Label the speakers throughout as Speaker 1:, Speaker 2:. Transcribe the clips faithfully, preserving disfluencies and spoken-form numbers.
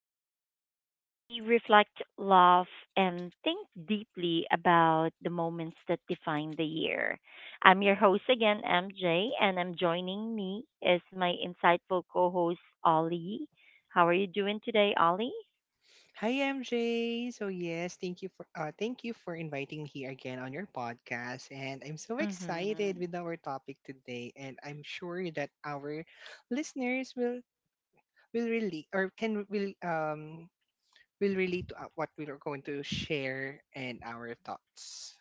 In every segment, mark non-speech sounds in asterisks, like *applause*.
Speaker 1: the podcast where we reflect, laugh, and think deeply about the moments that define the year. I'm your host again, M J, and I'm joining me is my insightful co host, Ollie. How are you doing today, Ollie?
Speaker 2: Hi M J. So yes, thank you for uh, thank you for inviting me here again on your podcast, and I'm so
Speaker 1: Mm-hmm.
Speaker 2: excited with our topic today. And I'm sure that our listeners will will really or can will um will relate to uh, what we are going to share and our thoughts.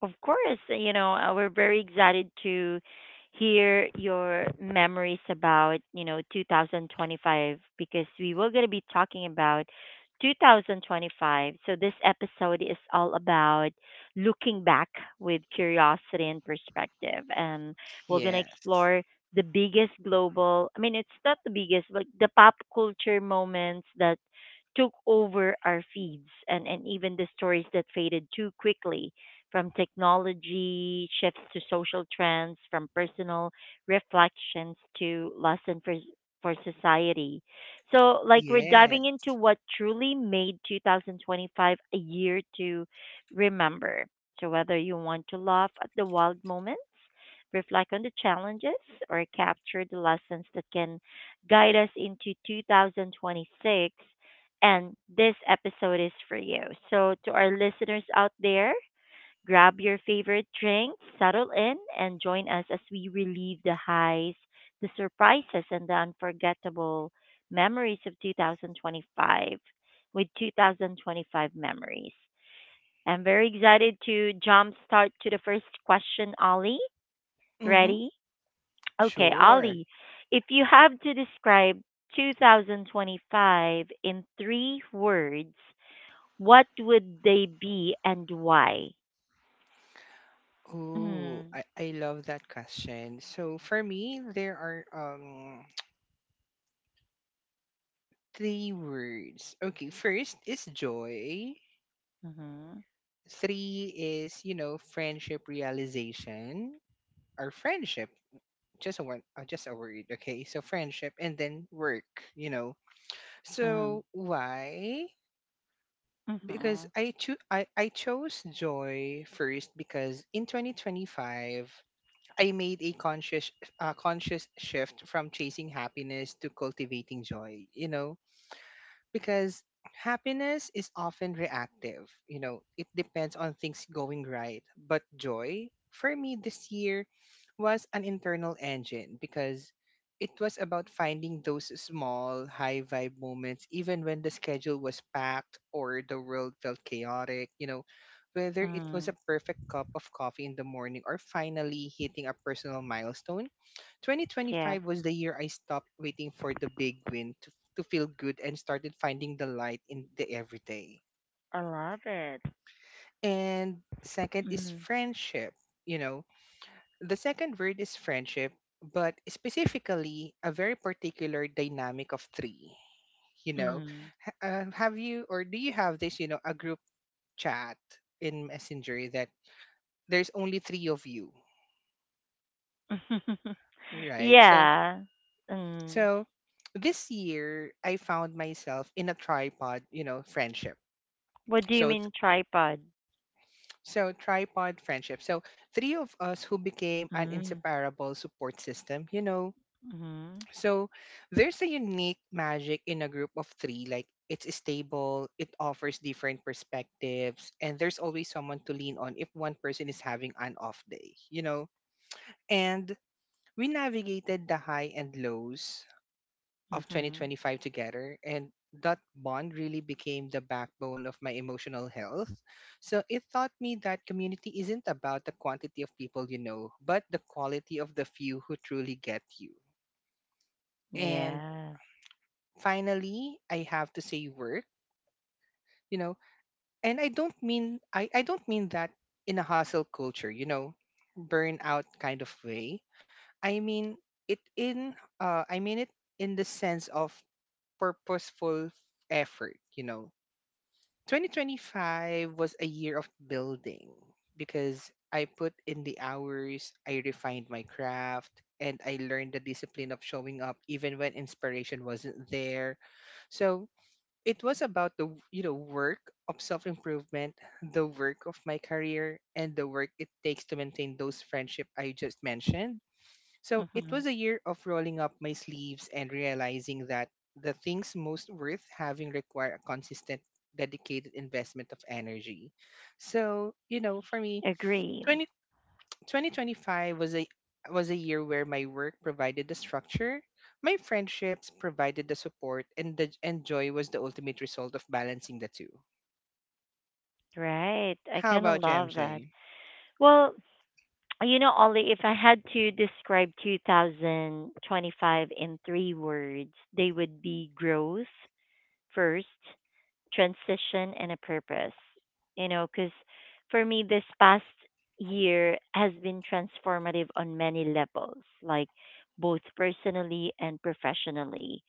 Speaker 1: Of course, you know, uh, we're very excited to hear your memories about, you know, two thousand twenty-five, because we were going to be talking about twenty twenty-five. So this episode is all about looking back with curiosity and perspective, and we're going to
Speaker 2: Yes.
Speaker 1: explore the biggest global, I mean, it's not the biggest, but the pop culture moments that took over our feeds, and, and even the stories that faded too quickly, from technology shifts to social trends, from personal reflections to lesson for for society. So like we're
Speaker 2: Yeah.
Speaker 1: diving into what truly made two thousand twenty-five a year to remember. So whether you want to laugh at the wild moments, reflect on the challenges, or capture the lessons that can guide us into two thousand twenty-six, and this episode is for you. So to our listeners out there, grab your favorite drink, settle in, and join us as we relive the highs, the surprises, and the unforgettable memories of two thousand twenty-five, with two thousand twenty-five memories. I'm very excited to jumpstart to the first question, Ollie.
Speaker 2: Mm-hmm.
Speaker 1: Ready? Okay,
Speaker 2: Sure.
Speaker 1: Ollie, if you have to describe two thousand twenty-five in three words, what would they be and why?
Speaker 2: Oh,
Speaker 1: Mm-hmm.
Speaker 2: I, I love that question. So for me, there are um three words. Okay, first is joy.
Speaker 1: Mm-hmm.
Speaker 2: Three is, you know, friendship realization or friendship. Just a one, uh, just a word. Okay, so friendship, and then work. You know,
Speaker 1: Mm.
Speaker 2: so why? Because
Speaker 1: Mhm.
Speaker 2: I cho- I I chose joy first because in twenty twenty-five I made a conscious uh, conscious shift from chasing happiness to cultivating joy. You know, because happiness is often reactive. You know, it depends on things going right. But joy, for me this year, was an internal engine, because it was about finding those small, high vibe moments, even when the schedule was packed or the world felt chaotic. You know, whether it was a
Speaker 1: Mm.
Speaker 2: perfect cup of coffee in the morning or finally hitting a personal milestone.
Speaker 1: Yeah,
Speaker 2: twenty twenty-five was the year I stopped waiting for the big win to feel good and started finding the light in the everyday.
Speaker 1: I love it.
Speaker 2: And second is
Speaker 1: Mm.
Speaker 2: friendship. You know, the second word is friendship, but specifically a very particular dynamic of three. You know,
Speaker 1: Mm.
Speaker 2: uh, have you, or do you have this, you know, a group chat in Messenger that there's only three of you,
Speaker 1: *laughs*
Speaker 2: right? So,
Speaker 1: yeah. Mm.
Speaker 2: so this year I found myself in a tripod, you know, friendship.
Speaker 1: What do you
Speaker 2: So
Speaker 1: mean tripod?
Speaker 2: So tripod friendship. So three of us who became an
Speaker 1: Mm.
Speaker 2: inseparable support system, you know.
Speaker 1: Mhm.
Speaker 2: So there's a unique magic in a group of three. Like, it's stable, it offers different perspectives, and there's always someone to lean on if one person is having an off day, you know. And we navigated the high and lows of
Speaker 1: Mhm.
Speaker 2: twenty twenty-five together, and that bond really became the backbone of my emotional health. So it taught me that community isn't about the quantity of people you know, but the quality of the few who truly get you. And
Speaker 1: Yeah.
Speaker 2: finally, I have to say work. You know and i don't mean i, I don't mean that in a hustle culture, you know, burnout kind of way. I mean it in uh, i mean it in the sense of purposeful effort, you know. twenty twenty-five was a year of building, because I put in the hours, I refined my craft, and I learned the discipline of showing up even when inspiration wasn't there. So it was about the, you know, work of self-improvement, the work of my career, and the work it takes to maintain those friendship I just mentioned. So it
Speaker 1: Mhm.
Speaker 2: was a year of rolling up my sleeves and realizing that the things most worth having require a consistent, dedicated investment of energy. So, you know, for me,
Speaker 1: Agree.
Speaker 2: twenty twenty twenty five was a was a year where my work provided the structure, my friendships provided the support, and the and joy was the ultimate result of balancing the two.
Speaker 1: Right. I
Speaker 2: How
Speaker 1: kind of
Speaker 2: about you,
Speaker 1: love that.
Speaker 2: M J?
Speaker 1: Well, *tsk* you know, Ollie, if I had to describe two thousand twenty-five in three words, they would be growth first, transition, and a purpose. You know, because for me, this past year has been transformative on many levels, like both personally and professionally.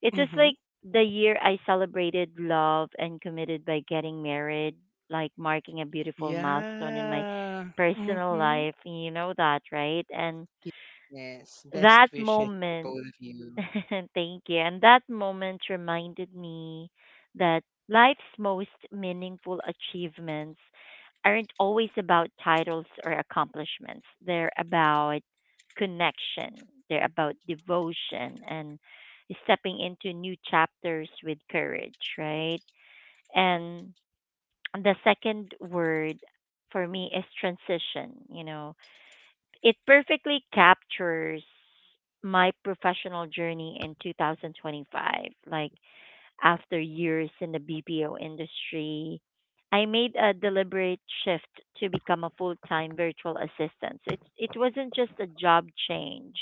Speaker 1: It was
Speaker 2: Mm-hmm.
Speaker 1: like the year I celebrated love and committed by getting married, like marking a beautiful milestone in my
Speaker 2: Yeah.
Speaker 1: personal
Speaker 2: Mm-hmm.
Speaker 1: life. You know that, right? And
Speaker 2: Yes. Best
Speaker 1: that
Speaker 2: wishes for
Speaker 1: moment
Speaker 2: both of you.
Speaker 1: *laughs* thank you. And that moment reminded me that life's most meaningful achievements aren't always about titles or accomplishments. They're about connection, they're about devotion and stepping into new chapters with courage, right? And the second word for me is transition. You know, it perfectly captures my professional journey in twenty twenty-five. Like after years in the B P O industry, I made a deliberate shift to become a full-time virtual assistant. So it it wasn't just a job change.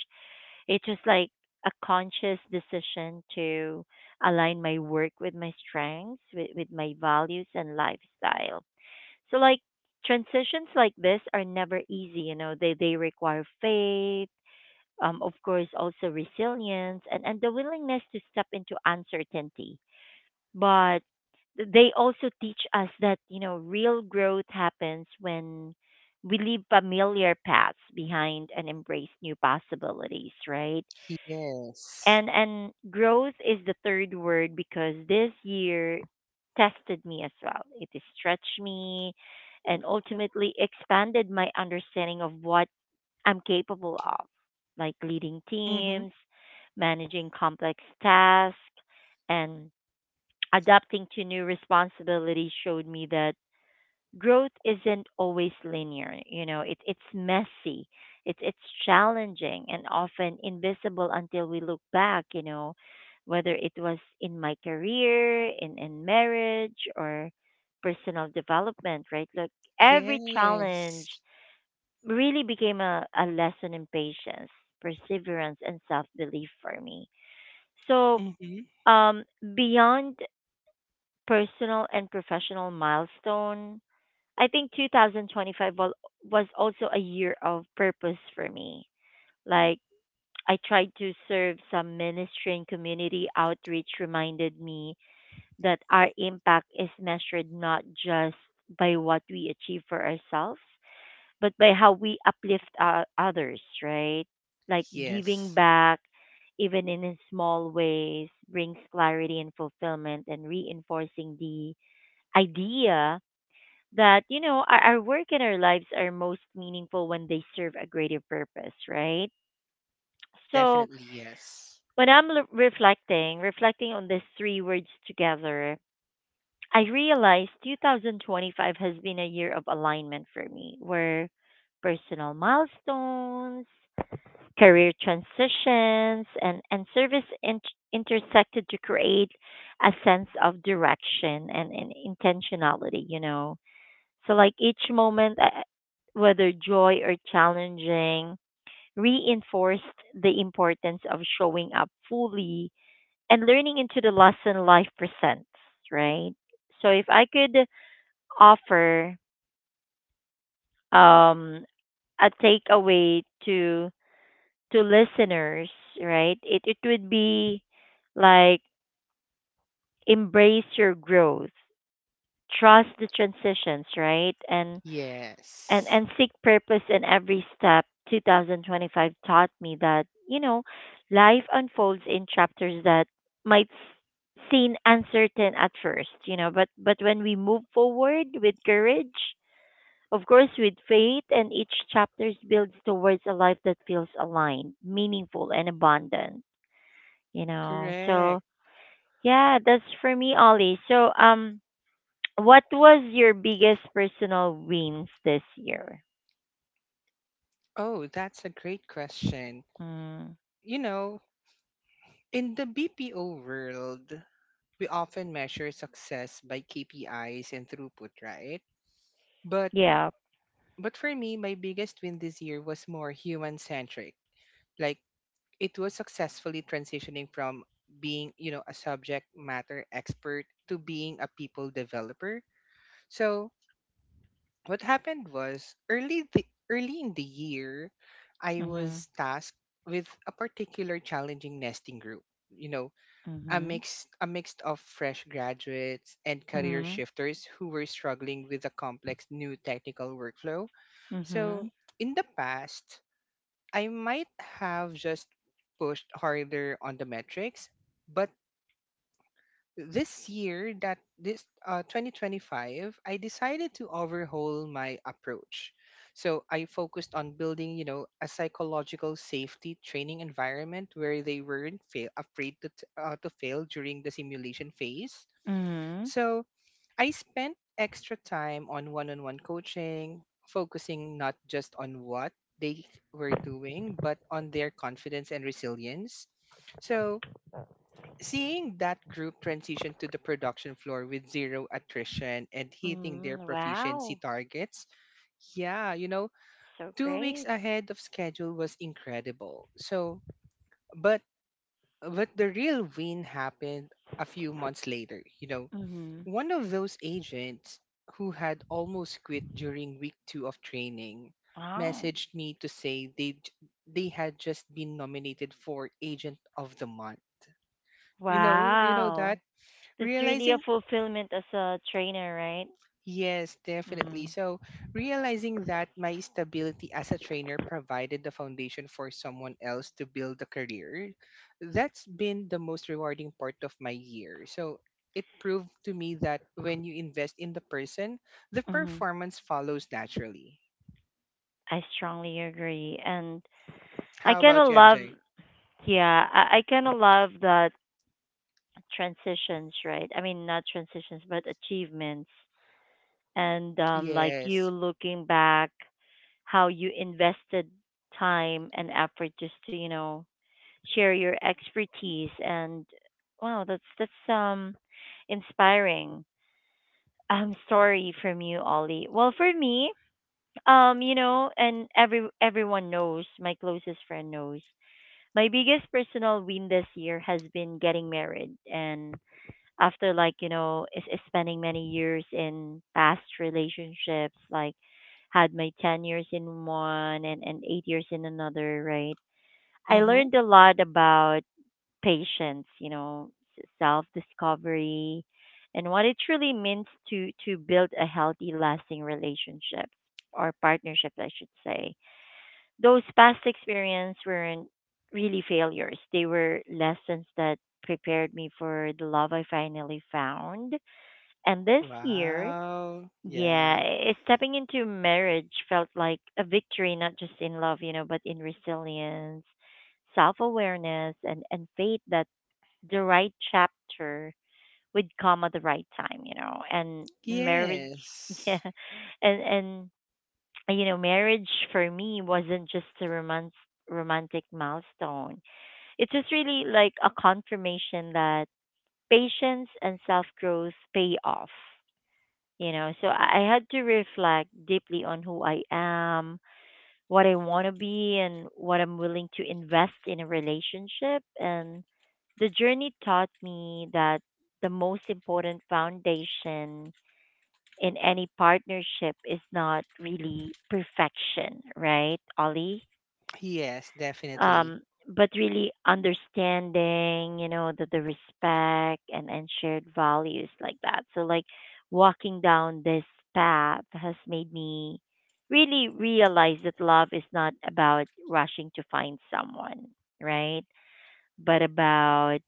Speaker 1: It was like a conscious decision to align my work with my strengths, with, with my values and lifestyle. So like transitions like this are never easy, you know. They they require faith, um, of course also resilience, and, and the willingness to step into uncertainty. But they also teach us that, you know, real growth happens when we leave familiar paths behind and embrace new possibilities, right? and and growth is the third word, because this year tested me as well. It stretched me and ultimately expanded my understanding of what I'm capable of. Like leading teams, managing complex tasks, and adapting to new responsibilities showed me that growth isn't always linear. You know, it, it's messy, it, it's challenging and often invisible until we look back. You know, whether it was in my career, in, in marriage or personal development, right? Look, every challenge really became a, a lesson in patience, perseverance, and self-belief for me. So um, beyond personal and professional milestone, I think twenty twenty-five wa- was also a year of purpose for me. Like, I tried to serve some ministry and community outreach, reminded me that our impact is measured not just by what we achieve for ourselves, but by how we uplift our others, right? Like, giving back, even in small ways, brings clarity and fulfillment, and reinforcing the idea that, you know, our, our work and our lives are most meaningful when they serve a greater purpose, right? So when i'm l- reflecting reflecting on these three words together, I realized twenty twenty-five has been a year of alignment for me, where personal milestones, career transitions, and and service in- intersected to create a sense of direction and, and intentionality, you know. So, like each moment, uh, whether joy or challenging, reinforced the importance of showing up fully and learning into the lesson life presents, right? So, if I could offer um, a takeaway to to listeners, right? It it would be like embrace your growth, trust the transitions, right? And and
Speaker 2: Yes,
Speaker 1: and seek purpose in every step. two thousand twenty-five taught me that, you know, life unfolds in chapters that might s- seem uncertain at first, you know, but but when we move forward with courage, of course with faith, and each chapter builds towards a life that feels aligned, meaningful, and abundant, you know. So
Speaker 2: correct.
Speaker 1: yeah, that's for me, Ollie. So um what was your biggest personal wins this year?
Speaker 2: Oh, that's a great question.
Speaker 1: Mm.
Speaker 2: You know, in the B P O world, we often measure success by K P Is and throughput, right? But
Speaker 1: Yeah.
Speaker 2: but for me, my biggest win this year was more human-centric. Like, it was successfully transitioning from being, you know, a subject matter expert to being a people developer. So what happened was early the early in the year I
Speaker 1: Mhm,
Speaker 2: was tasked with a particular challenging nesting group, you know. a
Speaker 1: mhm,
Speaker 2: mix a mix of fresh graduates and career
Speaker 1: mhm,
Speaker 2: shifters who were struggling with a complex new technical workflow. So
Speaker 1: mhm,
Speaker 2: in the past I might have just pushed harder on the metrics, but this year, that this uh, twenty twenty-five, I decided to overhaul my approach. So I focused on building, you know, a psychological safety training environment where they weren't fail, afraid to, t- uh, to fail during the simulation phase.
Speaker 1: mhm.
Speaker 2: So I spent extra time on one on one coaching, focusing not just on what they were doing, but on their confidence and resilience. So Seeing that group transition to the production floor with zero attrition and hitting their
Speaker 1: Mm,
Speaker 2: proficiency
Speaker 1: wow.
Speaker 2: targets, yeah, you know,
Speaker 1: So
Speaker 2: two weeks
Speaker 1: great.
Speaker 2: ahead of schedule, was incredible. So, but but the real win happened a few months later. You know,
Speaker 1: Mhm.
Speaker 2: one of those agents who had almost quit during week two of training
Speaker 1: Wow.
Speaker 2: messaged me to say they j- they had just been nominated for agent of the month. You know, you know that
Speaker 1: Wow. That's really a
Speaker 2: realizing
Speaker 1: fulfillment as a trainer, right?
Speaker 2: Yes,
Speaker 1: Mhm,
Speaker 2: definitely. So, realizing that my stability as a trainer provided the foundation for someone else to build a career, that's been the most rewarding part of my year. So, it proved to me that when you invest in the person, the
Speaker 1: mhm,
Speaker 2: performance follows naturally.
Speaker 1: I strongly agree. And I
Speaker 2: How
Speaker 1: kind
Speaker 2: about
Speaker 1: of
Speaker 2: you,
Speaker 1: love,
Speaker 2: M J?
Speaker 1: yeah, I, I kind of love that transitions, right? I mean, not transitions, but achievements. And um, like you
Speaker 2: Yes.
Speaker 1: looking back how you invested time and effort just to, you know, share your expertise, and wow, that's that's um inspiring um story from you, Ollie. Well for me, um you know, and every everyone knows, my closest friend knows, my biggest personal win this year has been getting married. And after, like, you know, is, is spending many years in past relationships, like had my ten years in one, and, and eight years in another, right? I
Speaker 2: Mm-hmm.
Speaker 1: learned a lot about patience, you know, self discovery, and what it truly means to to build a healthy lasting relationship, or partnership I should say. Those past experiences weren't really failures. They were lessons that prepared me for the love I finally found. And this year,
Speaker 2: Wow.
Speaker 1: yeah,
Speaker 2: Yeah.
Speaker 1: i- stepping into marriage felt like a victory, not just in love, you know, but in resilience, self awareness, and, and faith that the right chapter would come at the right time, you know. And marriage, *laughs* yeah,
Speaker 2: Yes.
Speaker 1: and, and, you know, marriage for me wasn't just a romance, romantic milestone. It was really like a confirmation that patience and self growth pay off. You know, so i I had to reflect deeply on who I am, what I want to be, and what I'm willing to invest in a relationship. And the journey taught me that the most important foundation in any partnership is not really perfection, right, Ollie?
Speaker 2: Yes, definitely.
Speaker 1: um, but really understanding, you know, the, the respect, and, and shared values like that. So, like, walking down this path has made me really realize that love is not about rushing to find someone, right? But about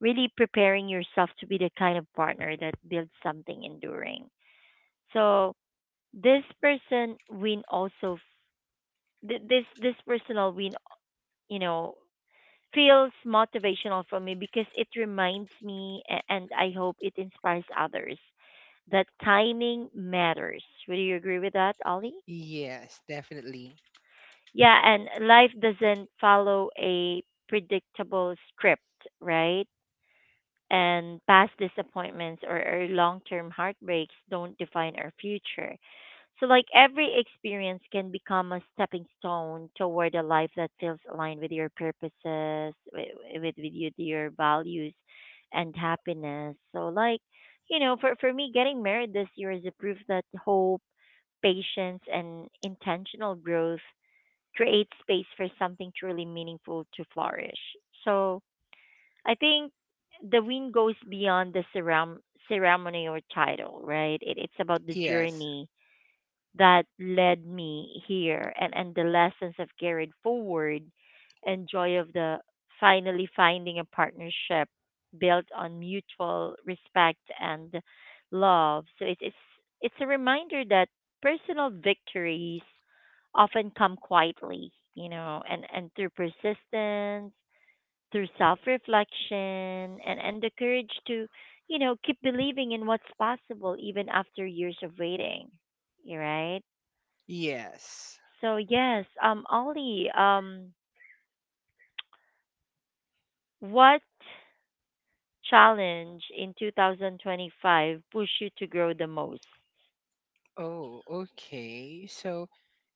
Speaker 1: really preparing yourself to be the kind of partner that builds something enduring. So, this person win also, f- th- this this personal win, you know, feels motivational for me, because it reminds me a- and I hope it inspires others, that timing matters. Would you agree with that, Ollie?
Speaker 2: Yes, definitely.
Speaker 1: Yeah, and life doesn't follow a predictable script, right? And past disappointments, or, or long term heartbreaks, don't define our future. So, like every experience can become a stepping stone toward a life that feels aligned with your purposes, with with, with you, your values, and happiness. So, like, you know, for for me, getting married this year is a proof that hope, patience, and intentional growth create space for something truly meaningful to flourish. So, I think the win goes beyond the ceram- ceremony or title, right? It, it's about the
Speaker 2: Yes.
Speaker 1: journey that led me here, and, and the lessons I've carried forward, and joy of the finally finding a partnership built on mutual respect and love. So it, it's it's a reminder that personal victories often come quietly, you know, and, and through persistence, through self reflection, and, and the courage to, you know, keep believing in what's possible even after years of waiting. You're right.
Speaker 2: Yes.
Speaker 1: So yes, um, Ollie, um, what challenge in two thousand twenty-five pushed you to grow the most?
Speaker 2: Oh, okay. So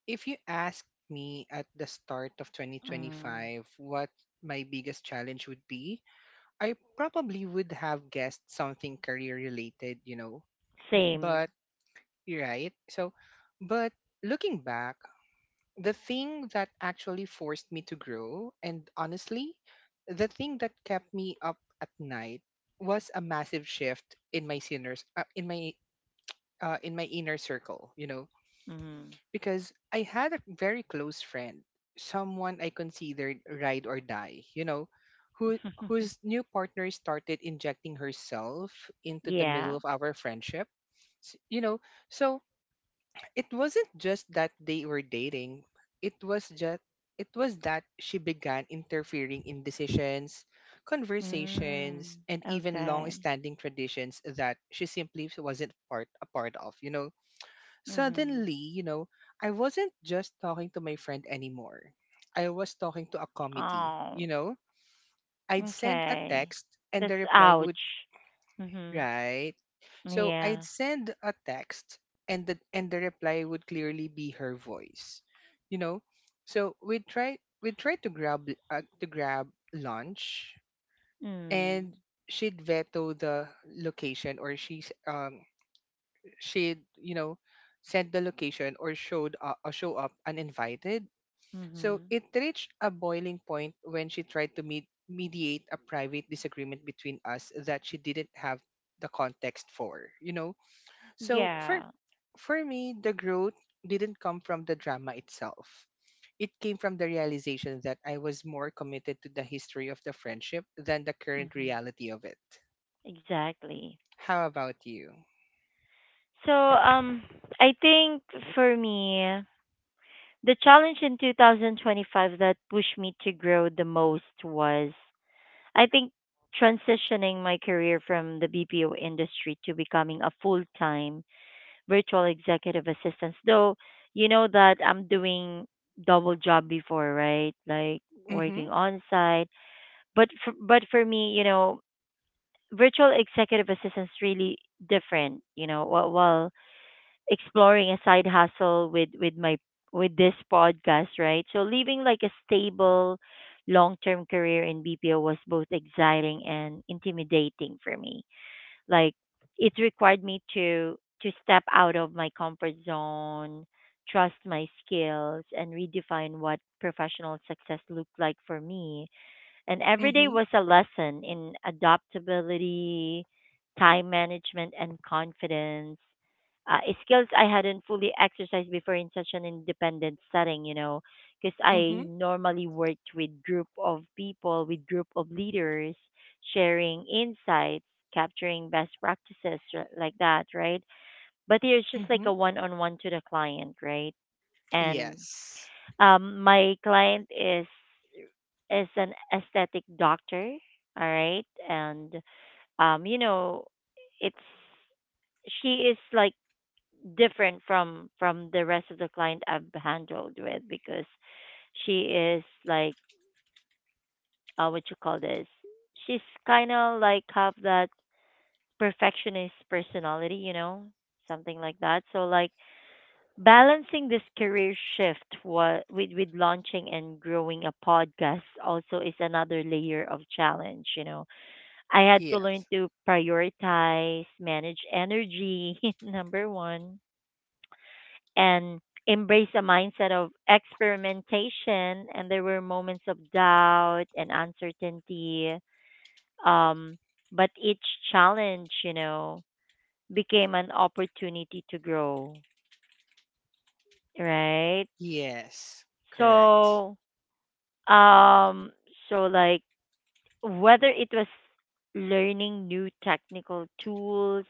Speaker 2: if you ask me at the start of
Speaker 1: Mm.
Speaker 2: twenty twenty-five what my biggest challenge would be, I probably would have guessed something career related, you know.
Speaker 1: Same.
Speaker 2: But you're right. So, but looking back, the thing that actually forced me to grow, and honestly, the thing that kept me up at night, was a massive shift in my sinners, uh, in my uh, in my inner circle. You know,
Speaker 1: Mm.
Speaker 2: because I had a very close friend, someone I considered ride or die, you know, who
Speaker 1: *laughs*
Speaker 2: whose new partner started injecting herself into the middle
Speaker 1: Yeah.
Speaker 2: of our friendship. S- You know, so it wasn't just that they were dating, it was just it was that she began interfering in decisions, conversations,
Speaker 1: Mm.
Speaker 2: and even
Speaker 1: Okay.
Speaker 2: long-standing traditions that she simply wasn't part a part of, you know.
Speaker 1: Mm-hmm.
Speaker 2: Suddenly, you know, I wasn't just talking to my friend anymore. I was talking to a committee, you
Speaker 1: Oh.
Speaker 2: know. I'd send a
Speaker 1: Okay.
Speaker 2: text and the
Speaker 1: That's
Speaker 2: reply
Speaker 1: ouch.
Speaker 2: would,
Speaker 1: Mm-hmm.
Speaker 2: right. So I'd
Speaker 1: Yeah.
Speaker 2: send a text, and the and the reply would clearly be her voice. You know? So we would try we would try to grab uh, to grab lunch, and
Speaker 1: Mm.
Speaker 2: she'd veto the location, or she's um she'd, you know, sent the location or showed up, or show up uninvited. So
Speaker 1: Mm-hmm.
Speaker 2: it reached a boiling point when she tried to meet, mediate a private disagreement between us that she didn't have the context for, you know. So for
Speaker 1: Yeah.
Speaker 2: for me, the growth didn't come from the drama itself. It came from the realization that I was more committed to the history of the friendship than the current
Speaker 1: Mm-hmm.
Speaker 2: reality of it.
Speaker 1: Exactly.
Speaker 2: How about you?
Speaker 1: So um, I think for me, the challenge in twenty twenty-five that pushed me to grow the most was, I think, transitioning my career from the B P O industry to becoming a full time virtual executive assistant. Though, you know that I'm doing double job before, right? Like working
Speaker 2: Mhm.
Speaker 1: on site. But for, but for me, you know, virtual executive assistant's really different, you know, well, exploring a side hustle with with my with this podcast, right? So leaving like a stable long-term career in B P O was both exciting and intimidating for me. Like it required me to to step out of my comfort zone, trust my skills and redefine what professional success looked like for me, and every day
Speaker 2: Mhm.
Speaker 1: was a lesson in adaptability, time management, and confidence. Uh, Skills I hadn't fully exercised before in such an independent setting, you know, because I
Speaker 2: Mhm.
Speaker 1: normally worked with group of people, with group of leaders, sharing insights, capturing best practices r- like that, right? But here it's just like
Speaker 2: Mhm.
Speaker 1: a one-on-one to the client, right? And
Speaker 2: Yes.
Speaker 1: um, my client is is an aesthetic doctor, all right? And um, you know, it's, she is like different from from the rest of the client I've handled with because she is like, uh, what you call this? She's kind of like have that perfectionist personality, you know, something like that. So like balancing this career shift wa- with with launching and growing a podcast also is another layer of challenge, you know. I had to
Speaker 2: Yes.
Speaker 1: learn to prioritize, manage energy, *laughs* number one, and embrace a mindset of experimentation. And there were moments of doubt and uncertainty. Um, but each challenge, you know, became an opportunity to grow, right?
Speaker 2: Yes. Correct.
Speaker 1: So, um, so like, whether it was learning new technical tools,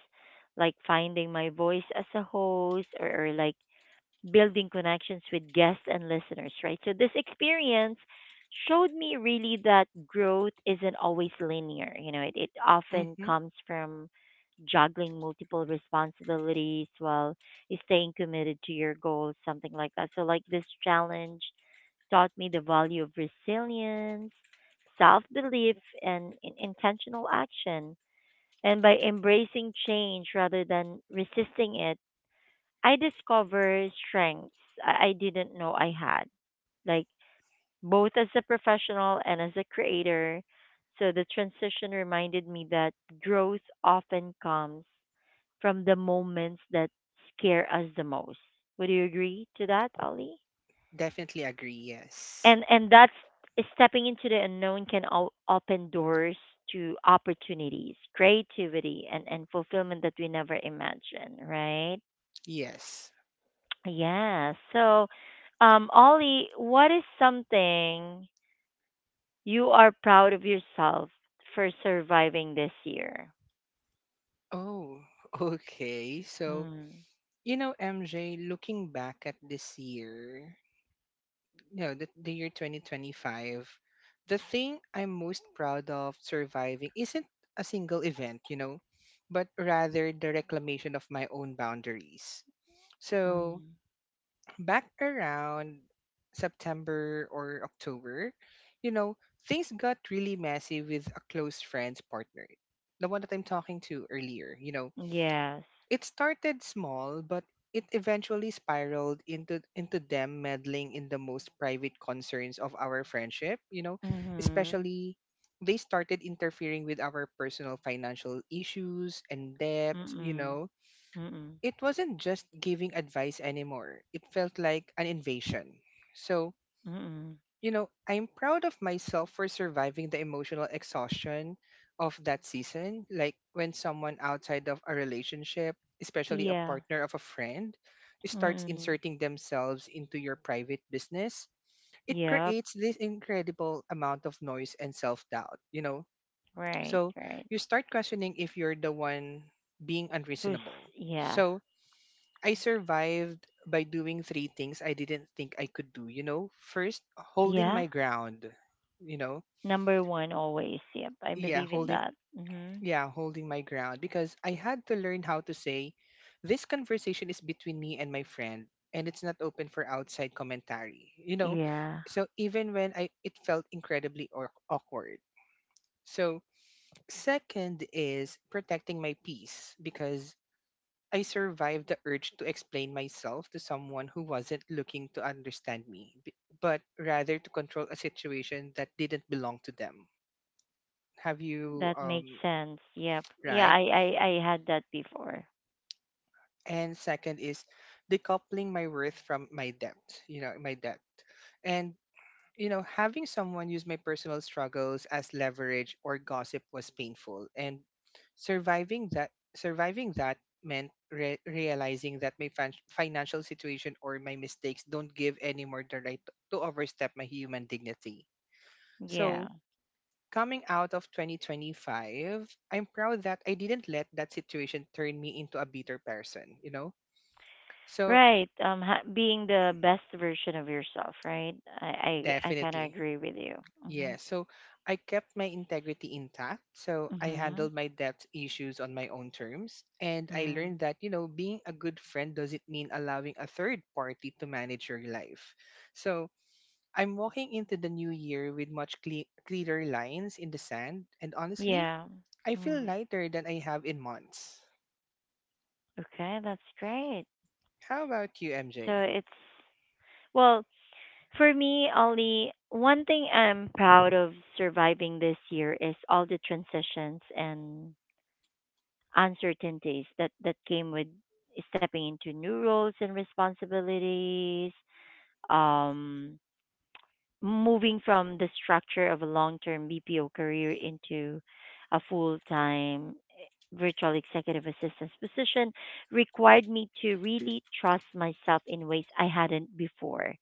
Speaker 1: like finding my voice as a host, or, or like building connections with guests and listeners, right? So this experience showed me really that growth isn't always linear. You know, it, it often
Speaker 2: Mm-hmm.
Speaker 1: comes from juggling multiple responsibilities while staying committed to your goals, something like that. So like this challenge taught me the value of resilience, self belief, and in- intentional action. And by embracing change rather than resisting it, I discovered strengths I I didn't know I had, like both as a professional and as a creator. So the transition reminded me that growth often comes from the moments that scare us the most. Would you agree to that, Ollie?
Speaker 2: Definitely agree. Yes.
Speaker 1: and and that's stepping into the unknown can o- open doors to opportunities, creativity, and and fulfillment that we never imagined, right?
Speaker 2: Yes.
Speaker 1: Yeah, so um Ollie, what is something you are proud of yourself for surviving this year?
Speaker 2: Oh, *laughs* okay. So,
Speaker 1: Mm.
Speaker 2: you know, M J, looking back at this year, you know, the, the year twenty twenty-five, the thing I'm most proud of surviving isn't a single event, you know, but rather the reclamation of my own boundaries. So,
Speaker 1: Mm.
Speaker 2: back around September or October, you know, things got really messy with a close friend's partner, the one that I'm talking to earlier. You know,
Speaker 1: Yes.
Speaker 2: it started small, but it eventually spiraled into into them meddling in the most private concerns of our friendship. You know,
Speaker 1: Mhm.
Speaker 2: especially they started interfering with our personal financial issues and debt.
Speaker 1: Mm.
Speaker 2: You know,
Speaker 1: Mm. Mm.
Speaker 2: it wasn't just giving advice anymore. It felt like an invasion. So,
Speaker 1: Mm.
Speaker 2: you know, I'm proud of myself for surviving the emotional exhaustion of that season. Like, when someone outside of a relationship, especially a
Speaker 1: Yeah.
Speaker 2: partner of a friend, starts
Speaker 1: Mm.
Speaker 2: inserting themselves into your private business, it
Speaker 1: Yep.
Speaker 2: creates this incredible amount of noise and self doubt, you know?
Speaker 1: Right,
Speaker 2: So
Speaker 1: right.
Speaker 2: you start questioning if you're the one being
Speaker 1: Who's.
Speaker 2: unreasonable.
Speaker 1: Yeah.
Speaker 2: So, I survived by doing three things I didn't think I could do, you know? First, holding
Speaker 1: Yeah.
Speaker 2: my ground, you know?
Speaker 1: Number one always. Yep. I
Speaker 2: Yeah,
Speaker 1: believe in
Speaker 2: holding
Speaker 1: that. Mhm.
Speaker 2: yeah, holding my ground, because I had to learn how to say this conversation is between me and my friend, and it's not open for outside commentary, you know?
Speaker 1: Yeah.
Speaker 2: So even when I it felt incredibly au- awkward. So second is protecting my peace, because I survived the urge to explain myself to someone who wasn't looking to understand me, b- but rather to control a situation that didn't belong to them. Have you,
Speaker 1: That makes
Speaker 2: um,
Speaker 1: sense. Yep. Yeah,
Speaker 2: right?
Speaker 1: I I I had that before.
Speaker 2: And second is decoupling my worth from my debt, you know, my debt. And you know, having someone use my personal struggles as leverage or gossip was painful, and surviving that surviving that meant re- realizing that my fin- financial situation or my mistakes don't give anymore the right to to overstep my human dignity.
Speaker 1: Yeah.
Speaker 2: So, coming out of twenty twenty-five, I'm proud that I didn't let that situation turn me into a bitter person, you know? So,
Speaker 1: Right. Um ha- being the best version of yourself, right? I I I kind of
Speaker 2: definitely.
Speaker 1: agree with you. Mhm.
Speaker 2: Yeah, so I kept my integrity intact. So I
Speaker 1: Mhm.
Speaker 2: handled my debt issues on my own terms. And I
Speaker 1: Mhm.
Speaker 2: learned that, you know, being a good friend doesn't mean allowing a third party to manage your life. So I'm walking into the new year with much cle- clearer lines in the sand. And honestly,
Speaker 1: Yeah.
Speaker 2: I feel
Speaker 1: Mm.
Speaker 2: lighter than I have in months.
Speaker 1: Okay, that's great.
Speaker 2: How about you,
Speaker 1: So
Speaker 2: M J?
Speaker 1: it's, well, for me, Ollie, one thing I'm proud of surviving this year is all the transitions and uncertainties that, that came with stepping into new roles and responsibilities. Um, Moving from the structure of a long-term B P O career into a full-time eh, virtual executive assistant position required me to really trust myself in ways I hadn't before.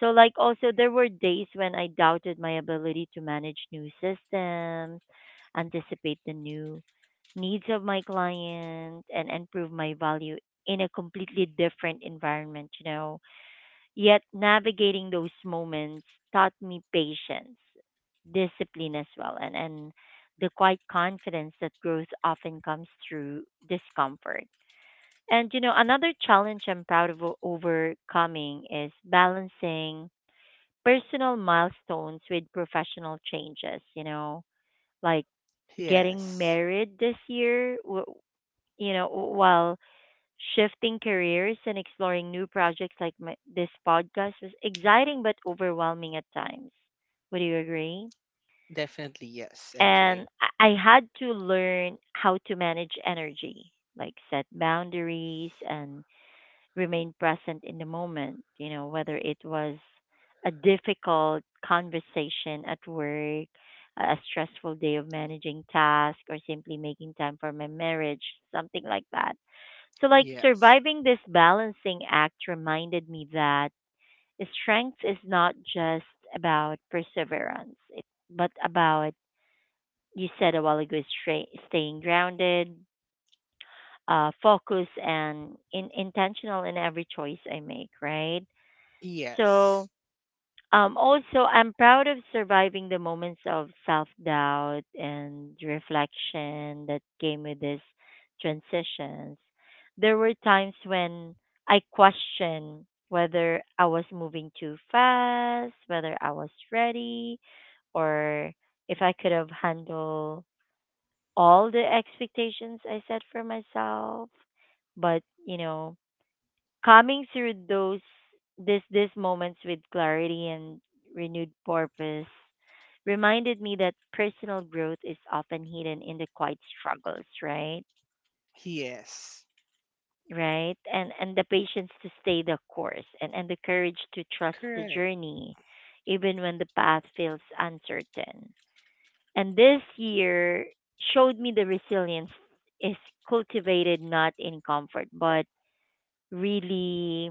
Speaker 1: So like also there were days when I doubted my ability to manage new systems, anticipate the new needs of my client and improve my value in a completely different environment, you know. Yet navigating those moments taught me patience, discipline as well, and and the quiet confidence that growth often comes through discomfort. And you know, another challenge I'm proud of o- overcoming is balancing personal milestones with professional changes, you know, like getting
Speaker 2: Yes,
Speaker 1: married this year, w- you know, while shifting careers and exploring new projects like my, this podcast was exciting but overwhelming at times. Would you agree?
Speaker 2: definitely yes, M J.
Speaker 1: And I I had to learn how to manage energy, like set boundaries and remain present in the moment, you know, whether it was a difficult conversation at work, a stressful day of managing tasks, or simply making time for my marriage, something like that. So, like,
Speaker 2: Yes,
Speaker 1: surviving this balancing act reminded me that strength is not just about perseverance, it, but about, you said a while ago, is stra- staying grounded, uh, focused, and in, intentional in every choice I make, right?
Speaker 2: yes,
Speaker 1: So, Um, also, I'm proud of surviving the moments of self doubt and reflection that came with these transitions. There were times when I questioned whether I was moving too fast, whether I was ready, or if I could have handled all the expectations I set for myself. But, you know, coming through those this these moments with clarity and renewed purpose reminded me that personal growth is often hidden in the quiet struggles, right?
Speaker 2: yes.
Speaker 1: Right? And and the patience to stay the course, and and the courage to trust the
Speaker 2: Correct.
Speaker 1: journey even when the path feels uncertain. And this year showed me the resilience is cultivated not in comfort but really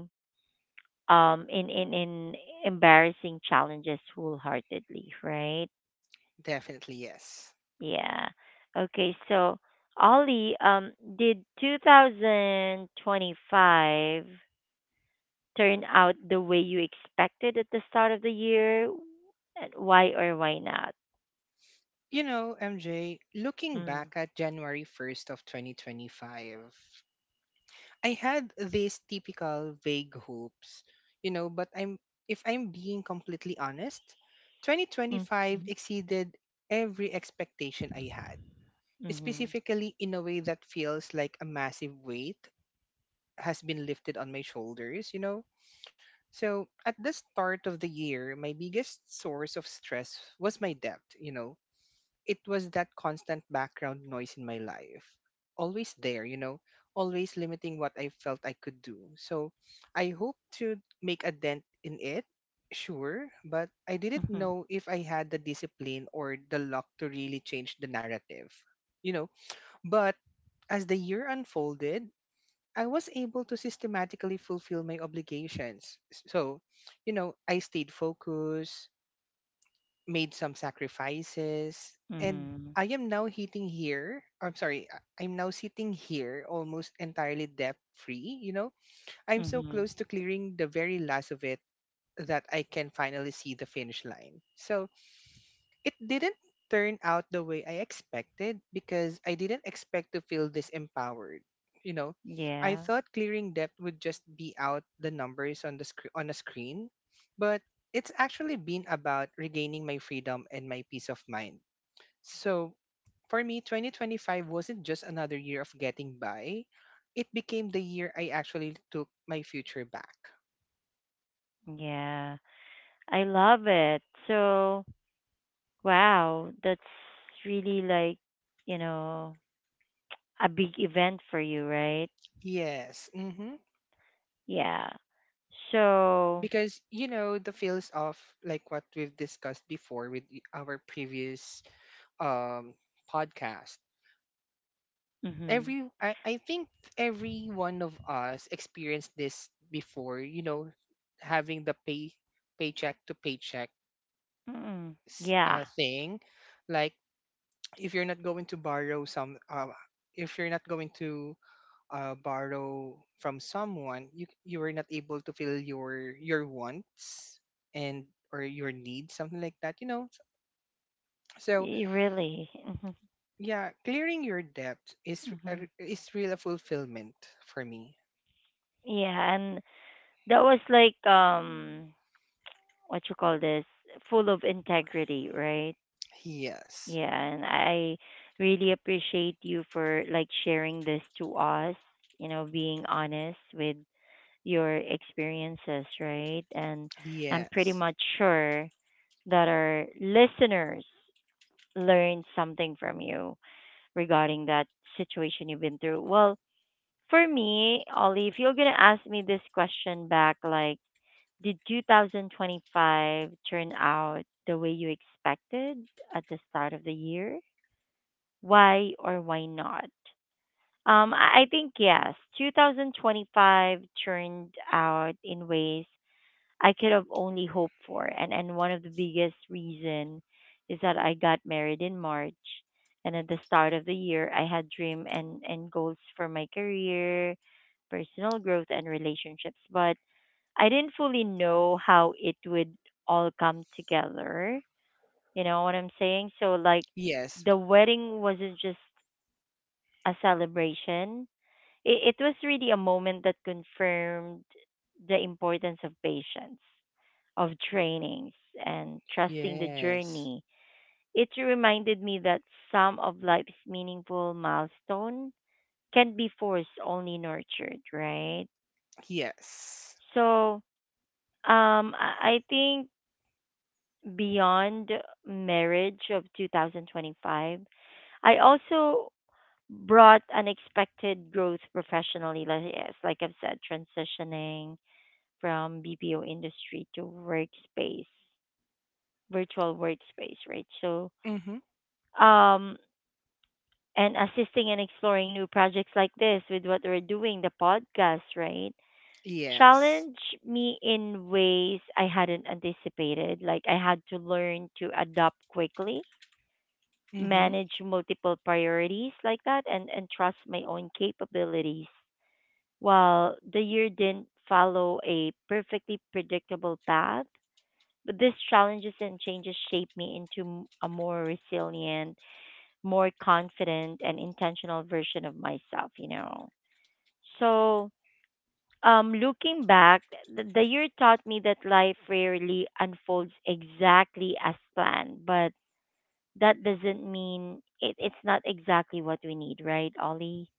Speaker 1: um in in in embarrassing challenges wholeheartedly, right?
Speaker 2: Definitely yes.
Speaker 1: Yeah, okay, so Ollie, um did two thousand twenty-five turn out the way you expected at the start of the year? And why or why not?
Speaker 2: You know, M J, looking
Speaker 1: Mm.
Speaker 2: back at January first of twenty twenty-five, I had these typical vague hopes, you know, but I'm if I'm being completely honest, twenty twenty-five
Speaker 1: Mm-hmm.
Speaker 2: exceeded every expectation I had,
Speaker 1: Mm-hmm.
Speaker 2: specifically in a way that feels like a massive weight has been lifted on my shoulders, you know. So, at the start of the year, my biggest source of stress was my debt. You know it was that constant background noise in my life. Always there, you know, always limiting what I felt I could do. So I hoped to make a dent in it, sure, but I didn't
Speaker 1: Mm-hmm.
Speaker 2: know if I had the discipline or the luck to really change the narrative, you know. But as the year unfolded, I was able to systematically fulfill my obligations. S- So, you know, I stayed focused, made some sacrifices and
Speaker 1: Mm-hmm.
Speaker 2: I am now hitting here. I'm sorry. I- I'm now sitting here almost entirely debt free, you know. I'm so
Speaker 1: Mm-hmm.
Speaker 2: close to clearing the very last of it that I can finally see the finish line. So it didn't turn out the way I expected because I didn't expect to feel this empowered. You know, I
Speaker 1: Yeah.
Speaker 2: thought clearing debt would just be out the numbers on the screen on a screen, but it's actually been about regaining my freedom and my peace of mind. So, for me, twenty twenty-five wasn't just another year of getting by. It became the year I actually took my future back.
Speaker 1: Yeah, I love it. So, wow, that's really like, you know, a big event for you, right?
Speaker 2: Yes. Hmm
Speaker 1: Yeah. So,
Speaker 2: because you know the feels of like what we've discussed before with the- our previous um podcast.
Speaker 1: mhm.
Speaker 2: Every I, I think every one of us experienced this before. You know having the pay paycheck to paycheck
Speaker 1: Mm.
Speaker 2: s-
Speaker 1: Yeah.
Speaker 2: uh, thing. Like if you're not going to borrow some uh, if you're not going to uh, borrow from someone, you you were not able to fill your your wants and or your needs, something like that, you know. So
Speaker 1: y- Really. Mhm.
Speaker 2: yeah, clearing your debt is
Speaker 1: Mhm.
Speaker 2: a- is real a fulfillment for me.
Speaker 1: Yeah, and that was like um what you call this, full of integrity, right?
Speaker 2: Yes,
Speaker 1: Yeah, and I really appreciate you for like sharing this to us, you know, being honest with your experiences, right? And I'm pretty
Speaker 2: yes,
Speaker 1: much sure that our listeners learned something from you regarding that situation you've been through. Well, for me, Ollie, if you're gonna ask me this question back, like, did two thousand twenty-five turn out the way you expected at the start of the year? Why or why not? Um, I I think yes. twenty twenty-five turned out in ways I could have only hoped for. And and one of the biggest reason is that I got married in March, and at the start of the year I had dream and and goals for my career, personal growth and relationships. But I didn't fully know how it would all come together. You know what I'm saying? So like
Speaker 2: yes,
Speaker 1: the wedding wasn't just a celebration, it, it was really a moment that confirmed the importance of patience, of trainings, and trusting the
Speaker 2: yes,
Speaker 1: journey. It reminded me that some of life's meaningful milestone can be forced, only nurtured, right?
Speaker 2: yes.
Speaker 1: So, um, I I think beyond marriage of two thousand twenty-five, I also brought unexpected growth professionally, like, yes, like I've said, transitioning from B P O industry to workspace, virtual workspace, right? So,
Speaker 2: Mm-hmm.
Speaker 1: um, and assisting and exploring new projects like this with what we're doing, the podcast, right?
Speaker 2: Yes.
Speaker 1: Challenge me in ways I hadn't anticipated. Like I had to learn to adapt quickly,
Speaker 2: Mm-hmm.
Speaker 1: manage multiple priorities like that, and and trust my own capabilities. While the year didn't follow a perfectly predictable path, but these challenges and changes shape me into m- a more resilient, more confident, and intentional version of myself, you know. So, um, looking back, the, the year taught me that life rarely unfolds exactly as planned, but that doesn't mean it, it's not exactly what we need, right, Ollie?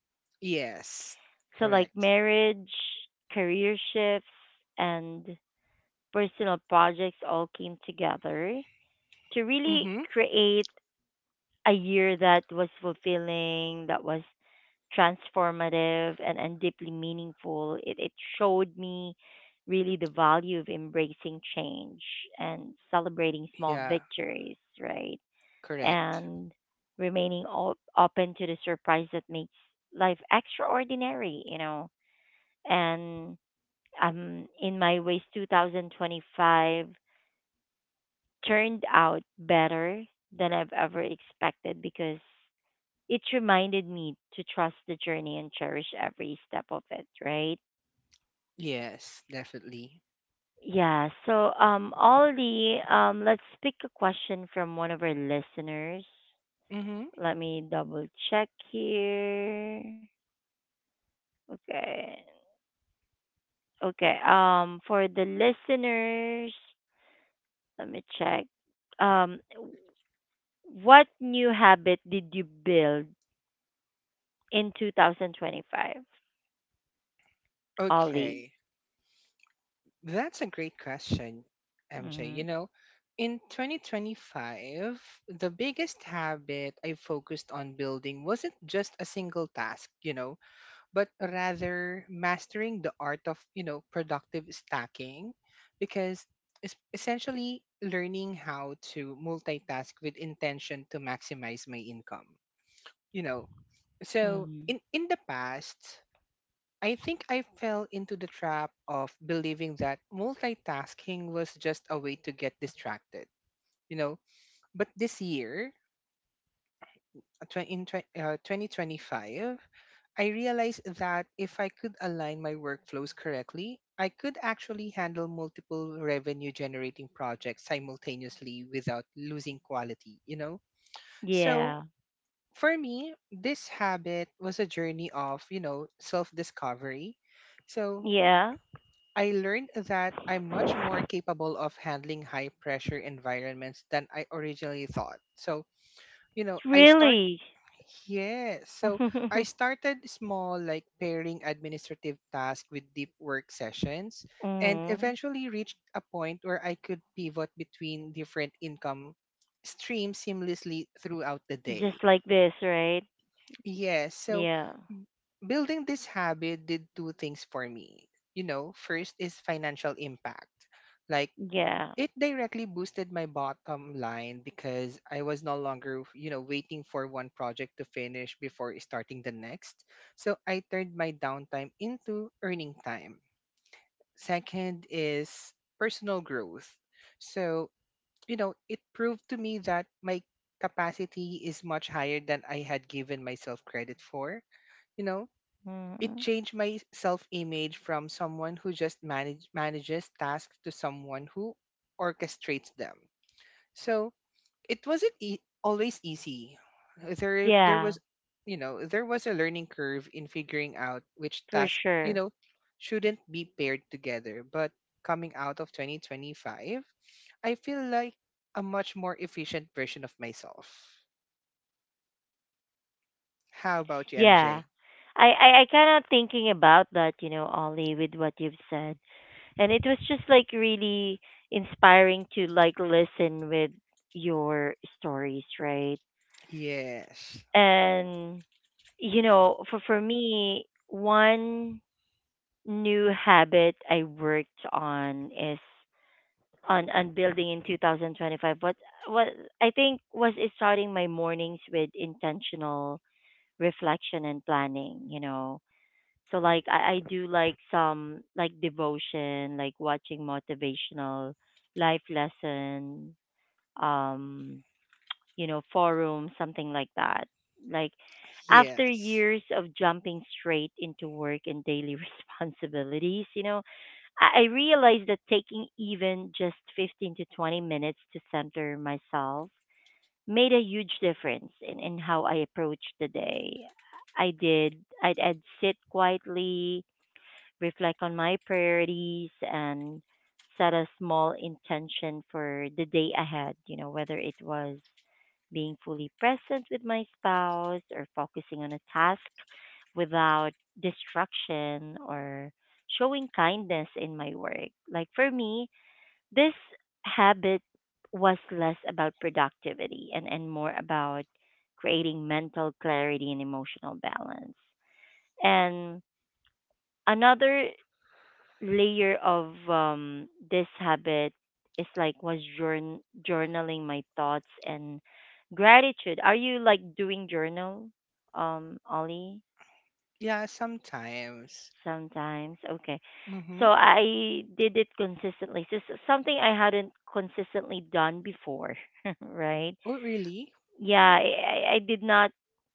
Speaker 2: Yes.
Speaker 1: So, like
Speaker 2: Correct.
Speaker 1: marriage, career shifts, and personal projects all came together to really
Speaker 2: Mm-hmm.
Speaker 1: create a year that was fulfilling, that was transformative and and deeply meaningful. It, it showed me really the value of embracing change and celebrating small
Speaker 2: Yeah.
Speaker 1: victories, right?
Speaker 2: Correct.
Speaker 1: And remaining o- open to the surprise that makes life extraordinary, you know. And um, in my ways, two thousand twenty-five turned out better than I've ever expected because it reminded me to trust the journey and cherish every step of it, right?
Speaker 2: Yes, definitely.
Speaker 1: Yeah, so um Ollie, um let's pick a question from one of our listeners.
Speaker 2: Mm-hmm.
Speaker 1: Let me double check here. Okay. Okay. Um for the listeners, let me check. Um what new habit did you build in two thousand twenty-five, Ollie?
Speaker 2: Okay. That's a great question, M J. You
Speaker 1: Mhm.
Speaker 2: know, in twenty twenty-five, the biggest habit I focused on building wasn't just a single task, you know, but rather mastering the art of, you know, productive stacking because it's essentially learning how to multitask with intention to maximize my income, you know. So,
Speaker 1: Mhm.
Speaker 2: in in the past, I think I fell into the trap of believing that multitasking was just a way to get distracted, you know. But this year, uh, twen- in twen- uh, twenty twenty-five, I realized that if I could align my workflows correctly, I could actually handle multiple revenue generating projects simultaneously without losing quality, you know. So
Speaker 1: Yeah.
Speaker 2: for me, this habit was a journey of, you know, self discovery. So
Speaker 1: Yeah.
Speaker 2: I learned that I'm much more capable of handling high pressure environments than I originally thought. So, you know, I start
Speaker 1: Really?
Speaker 2: yes. So I
Speaker 1: *laughs*
Speaker 2: started small, like pairing administrative tasks with deep work sessions, and
Speaker 1: Mm.
Speaker 2: eventually reached a point where I could pivot between different income streams seamlessly throughout the day.
Speaker 1: Just like this, right?
Speaker 2: Yes. So
Speaker 1: Yeah.
Speaker 2: b- building this habit did two things for me. You know, first is financial impact. Like
Speaker 1: Yeah.
Speaker 2: it directly boosted my bottom line because I was no longer, you know, waiting for one project to finish before starting the next. So I turned my downtime into earning time. Second is personal growth. So, you know, it proved to me that my capacity is much higher than I had given myself credit for. you know it
Speaker 1: Mm.
Speaker 2: changed my self-image from someone who just manage, manages tasks to someone who orchestrates them. So it wasn't e- always easy. there there
Speaker 1: Yeah,
Speaker 2: was you know there was a learning curve in figuring out which
Speaker 1: for
Speaker 2: task you
Speaker 1: sure.
Speaker 2: know shouldn't be paired together. But coming out of twenty twenty-five I feel like a much more efficient version of myself. How about you,
Speaker 1: Yeah.
Speaker 2: MJ?
Speaker 1: I, I, I kind of thinking about that, you know, Ollie, with what you've said. And it was just like really inspiring to like listen with your stories, right?
Speaker 2: Yes.
Speaker 1: And, you know, for, for me, one new habit I worked on is on on building in twenty twenty-five what what I think was is starting my mornings with intentional reflection and planning, you know. So like i, I do like some like devotion, like watching motivational life lesson, um you know, forum, something like that, like after
Speaker 2: Yes.
Speaker 1: years of jumping straight into work and daily *laughs* responsibilities, you know, I I realized that taking even just fifteen to twenty minutes to center myself made a huge difference in, in how I approached the day. I did, I'd, I'd sit quietly, reflect on my priorities, and set a small intention for the day ahead, you know, whether it was being fully present with my spouse or focusing on a task without distraction or showing kindness in my work. Like for me, this habit was less about productivity and and more about creating mental clarity and emotional balance. And another layer of um this habit is like was journ- journaling my thoughts and gratitude. Are you like doing journal, um, Ollie?
Speaker 2: Yeah, sometimes.
Speaker 1: Sometimes, okay.
Speaker 2: Mm-hmm.
Speaker 1: So I did it consistently. So s- something I hadn't consistently done before, *laughs* right?
Speaker 2: Oh, really?
Speaker 1: Yeah, I, I I did not.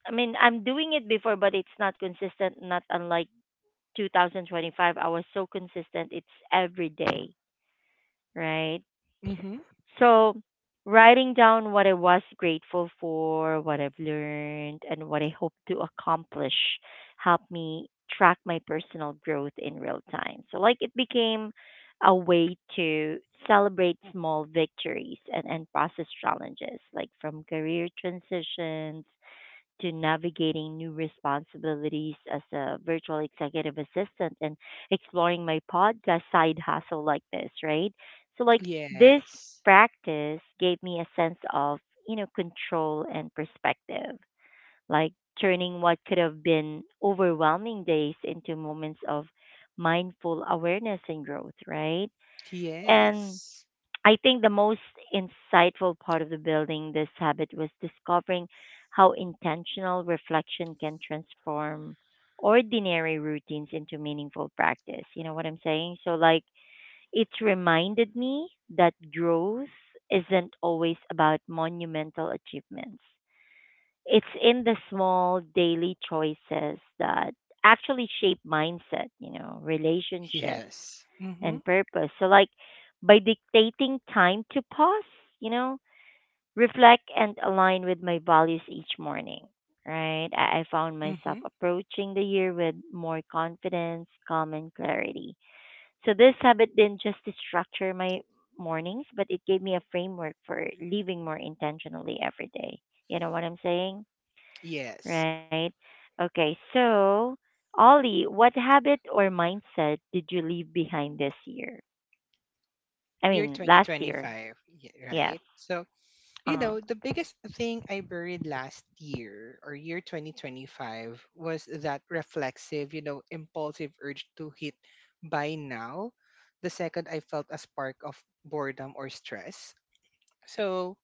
Speaker 1: I mean, I'm doing it before, but it's not consistent. Not unlike twenty twenty-five, I was so consistent. It's every day, right?
Speaker 2: Mm-hmm.
Speaker 1: So writing down what I was grateful for, what I've learned, and what I hope to accomplish helped me track my personal growth in real time. So like it became a way to celebrate small victories and, and process challenges like from career transitions to navigating new responsibilities as a virtual executive assistant and exploring my podcast side hustle like this, right? So, like, this
Speaker 2: Yes.
Speaker 1: practice gave me a sense of, you know, control and perspective, like turning what could have been overwhelming days into moments of mindful awareness and growth, right? And
Speaker 2: Yes.
Speaker 1: I think the most insightful part of the building this habit was discovering how intentional reflection can transform ordinary routines into meaningful practice. You know what I'm saying? So, like, it reminded me that growth isn't always about monumental achievements. It's in the small daily choices that actually shape mindset, you know, relationships
Speaker 2: Yes. Mm-hmm.
Speaker 1: and purpose. So, like by dictating time to pause, you know, reflect and align with my values each morning, right? I, I found myself
Speaker 2: Mm-hmm.
Speaker 1: approaching the year with more confidence, calm, and clarity. So, this habit didn't just structure my mornings, but it gave me a framework for living more intentionally every day. You know what I'm saying?
Speaker 2: Yes.
Speaker 1: Right. Okay. So, Ollie, what habit or mindset did you leave behind this year? I
Speaker 2: Year
Speaker 1: mean, last year.
Speaker 2: twenty twenty-five, y-
Speaker 1: Yes.
Speaker 2: right? So, you
Speaker 1: Uh-huh.
Speaker 2: know, the biggest thing I buried last year or year twenty twenty-five was that reflexive, you know, impulsive urge to hit buy now. The second I felt a spark of boredom or stress. So,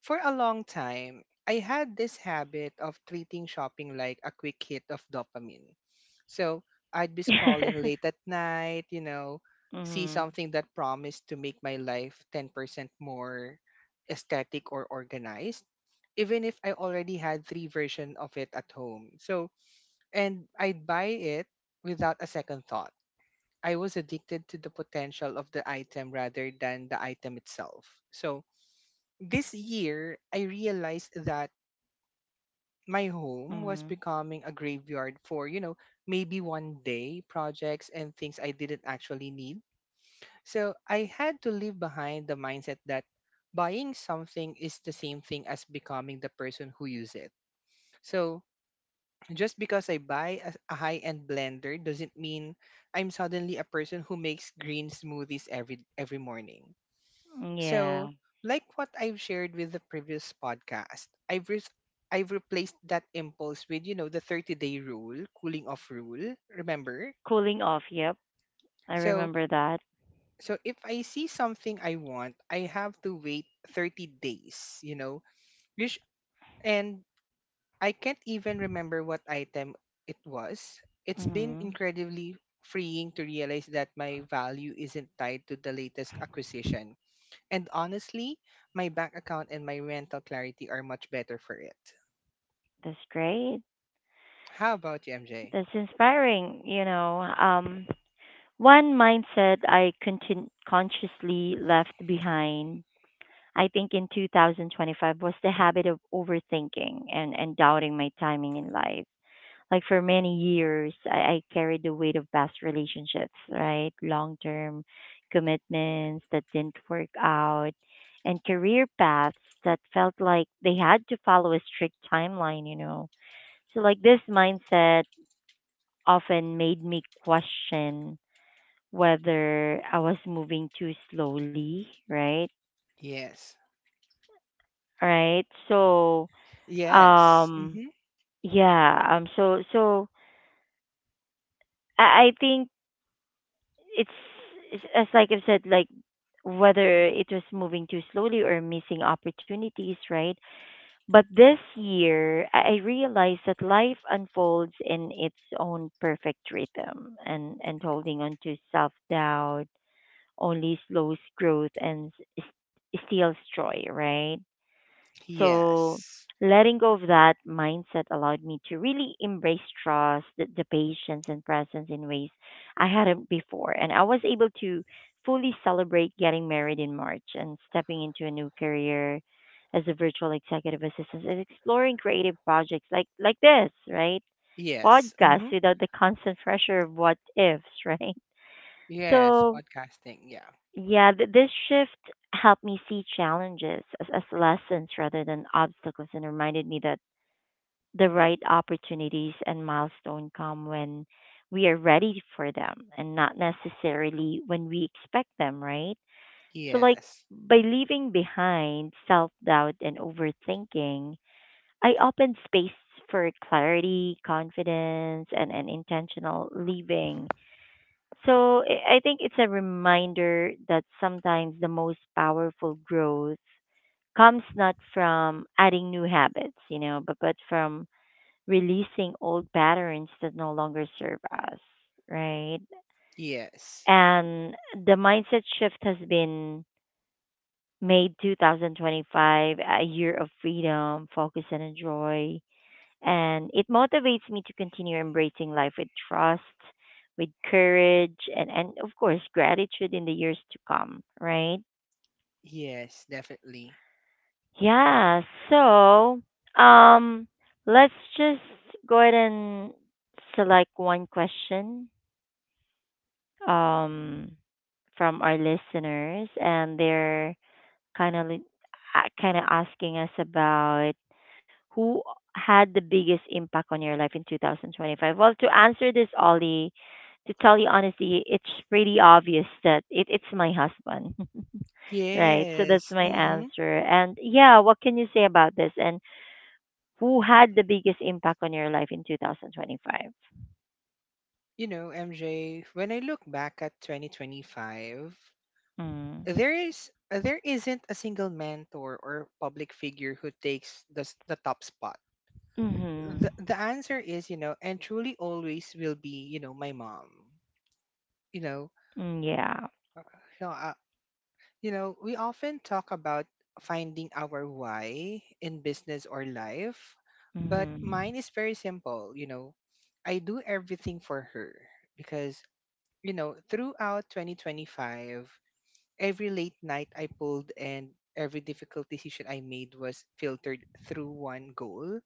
Speaker 2: for a long time, I had this habit of treating shopping like a quick hit of dopamine. So I'd be scrolling
Speaker 1: *laughs*
Speaker 2: late at night, you know, see
Speaker 1: Mhm.
Speaker 2: something that promised to make my life ten percent more aesthetic or organized, even if I already had three versions of it at home. So, and I'd buy it without a second thought. I was addicted to the potential of the item rather than the item itself. So, this year I realized that my home was
Speaker 1: Mhm.
Speaker 2: becoming a graveyard for, you know, maybe one day projects and things I didn't actually need. So I had to leave behind the mindset that buying something is the same thing as becoming the person who use it. So just because I buy a, a high-end blender doesn't mean I'm suddenly a person who makes green smoothies every every morning.
Speaker 1: Yeah.
Speaker 2: So, like what I've shared with the previous podcast, I've re- I've replaced that impulse with, you know, the thirty-day rule, cooling off rule, remember?
Speaker 1: Cooling off. Yep. I
Speaker 2: So,
Speaker 1: remember that.
Speaker 2: so if I see something I want, I have to wait thirty days, you know. which- And I can't even remember what item it was. It's been
Speaker 1: Mhm.
Speaker 2: incredibly freeing to realize that my value isn't tied to the latest acquisition. And honestly, my bank account and my rental clarity are much better for it.
Speaker 1: That's great.
Speaker 2: How about you, M J?
Speaker 1: That's inspiring, you know. Um one mindset I contin- consciously left behind I think in twenty twenty-five was the habit of overthinking and, and doubting my timing in life. Like for many years, I, I carried the weight of past relationships, right? Long term commitments that didn't work out and career paths that felt like they had to follow a strict timeline, you know. So, like, this mindset often made me question whether I was moving too slowly, right?
Speaker 2: Yes.
Speaker 1: Right. So,
Speaker 2: Yes.
Speaker 1: Um,
Speaker 2: Hmm.
Speaker 1: yeah. Um. So so I I think it's, it's as like I've said, like whether it was moving too slowly or missing opportunities, right? But this year, I I realized that life unfolds in its own perfect rhythm, and and holding on to self doubt only slows growth and s- s- steals joy, right? So
Speaker 2: Yes.
Speaker 1: letting go of that mindset allowed me to really embrace trust, the, the patience and presence in ways I hadn't before. And I was able to fully celebrate getting married in March and stepping into a new career as a virtual executive assistant and exploring creative projects like like this, right?
Speaker 2: Yes.
Speaker 1: Podcasts
Speaker 2: Hmm.
Speaker 1: without the constant pressure of what ifs, *laughs* right?
Speaker 2: Yes.
Speaker 1: So
Speaker 2: Podcasting. Yeah.
Speaker 1: yeah, th- this shift helped me see challenges as, as lessons rather than obstacles and reminded me that the right opportunities and milestone come when we are ready for them and not necessarily when we expect them, right? So like
Speaker 2: Yes.
Speaker 1: by leaving behind self-doubt and overthinking, I opened space for clarity, confidence, and an intentional living so I I think it's a reminder that sometimes the most powerful growth comes not from adding new habits, you know, but, but from releasing old patterns that no longer serve us, right?
Speaker 2: Yes.
Speaker 1: And the mindset shift has been made twenty twenty-five a year of freedom, focus, and joy and it motivates me to continue embracing life with trust, with courage, and, and of course, gratitude in the years to come, right?
Speaker 2: Yes. Definitely.
Speaker 1: Yeah, so um, let's just go ahead and select one question um, from our listeners, and they're kind of kind of asking us about who had the biggest impact on your life in twenty twenty-five? Well, to answer this, Ollie, to tell you honestly, it's pretty obvious that it, it's my husband, *laughs* right? So that's
Speaker 2: Yes.
Speaker 1: my
Speaker 2: Hmm.
Speaker 1: answer. And yeah, what can you say about this? And who had the biggest impact on your life in twenty twenty-five?
Speaker 2: You know, M J, when I look back at twenty twenty-five,
Speaker 1: Mm.
Speaker 2: there is there isn't a single mentor or public figure who takes the s- the top spot.
Speaker 1: Hmm.
Speaker 2: the, the answer is you know and truly always will be you know my mom. you know
Speaker 1: Mm, yeah.
Speaker 2: you know, uh, you know we often talk about finding our why in business or life, but
Speaker 1: Hmm.
Speaker 2: mine is very simple you know i do everything for her, because you know throughout twenty twenty-five every late night I pulled and every difficult decision I made was filtered through one goal,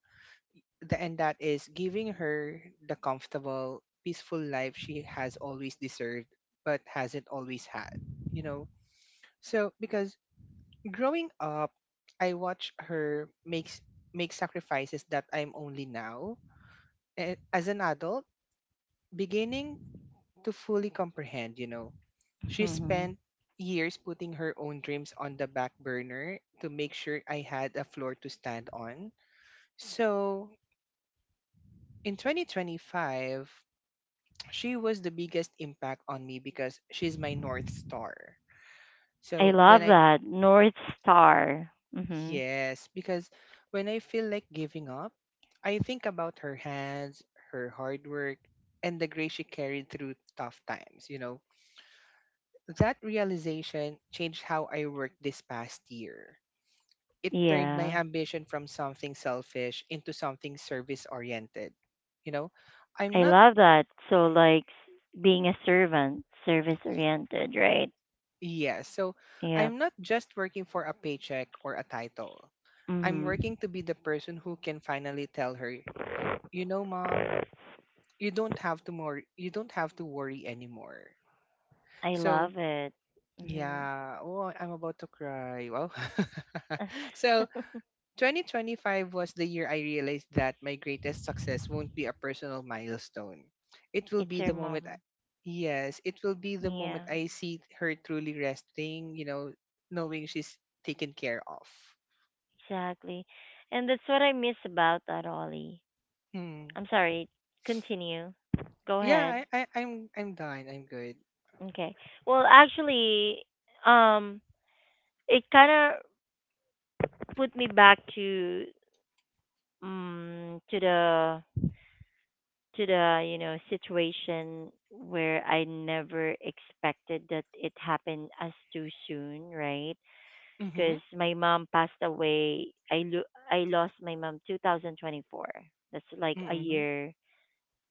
Speaker 2: the, and that is giving her the comfortable, peaceful life she has always deserved, but hasn't always had, you know? So, because growing up, I watch her makes make sacrifices that I'm only now, a- as an adult, beginning to fully comprehend, you know? She
Speaker 1: Hmm.
Speaker 2: spent years putting her own dreams on the back burner to make sure I had a floor to stand on. So, in twenty twenty-five, she was the biggest impact on me because she's my north star.
Speaker 1: I
Speaker 2: So when
Speaker 1: love
Speaker 2: I
Speaker 1: that. North Star. Hmm.
Speaker 2: yes, because when I feel like giving up, I think about her hands, her hard work, and the grace she carried through tough times, you know. That realization changed how I worked this past year. It turned my
Speaker 1: Yeah.
Speaker 2: ambition from something selfish into something service oriented. You know, I'm
Speaker 1: I
Speaker 2: not.
Speaker 1: love that. So like s- being a servant, service oriented, right?
Speaker 2: Yes. So
Speaker 1: Yep.
Speaker 2: I'm not just working for a paycheck or a title. I'm
Speaker 1: Mhm.
Speaker 2: working to be the person who can finally tell her, you know, mom, you don't have to more you don't have to worry anymore.
Speaker 1: I
Speaker 2: So
Speaker 1: love it. Mhm.
Speaker 2: yeah, oh, I'm about to cry. Well, *laughs* so
Speaker 1: *laughs*
Speaker 2: twenty twenty-five was the year I realized that my greatest success won't be a personal milestone. It will
Speaker 1: It's
Speaker 2: be
Speaker 1: your
Speaker 2: the moment I,
Speaker 1: mom.
Speaker 2: Yes, it will be the moment
Speaker 1: Yeah,
Speaker 2: I see her truly resting, you know, knowing she's taken care of.
Speaker 1: exactly. And that's what I miss about that Ollie.
Speaker 2: Hmm.
Speaker 1: I'm sorry. Continue. Go ahead.
Speaker 2: Yeah, I, I I'm I'm done. I'm good.
Speaker 1: Okay. Well, actually, um, it kind of put me back to um to the to the you know situation where I never expected that it happened as too soon, right?
Speaker 2: Mhm.
Speaker 1: Because my mom passed away. I lo- I lost my mom twenty twenty-four. That's like a
Speaker 2: Mhm.
Speaker 1: year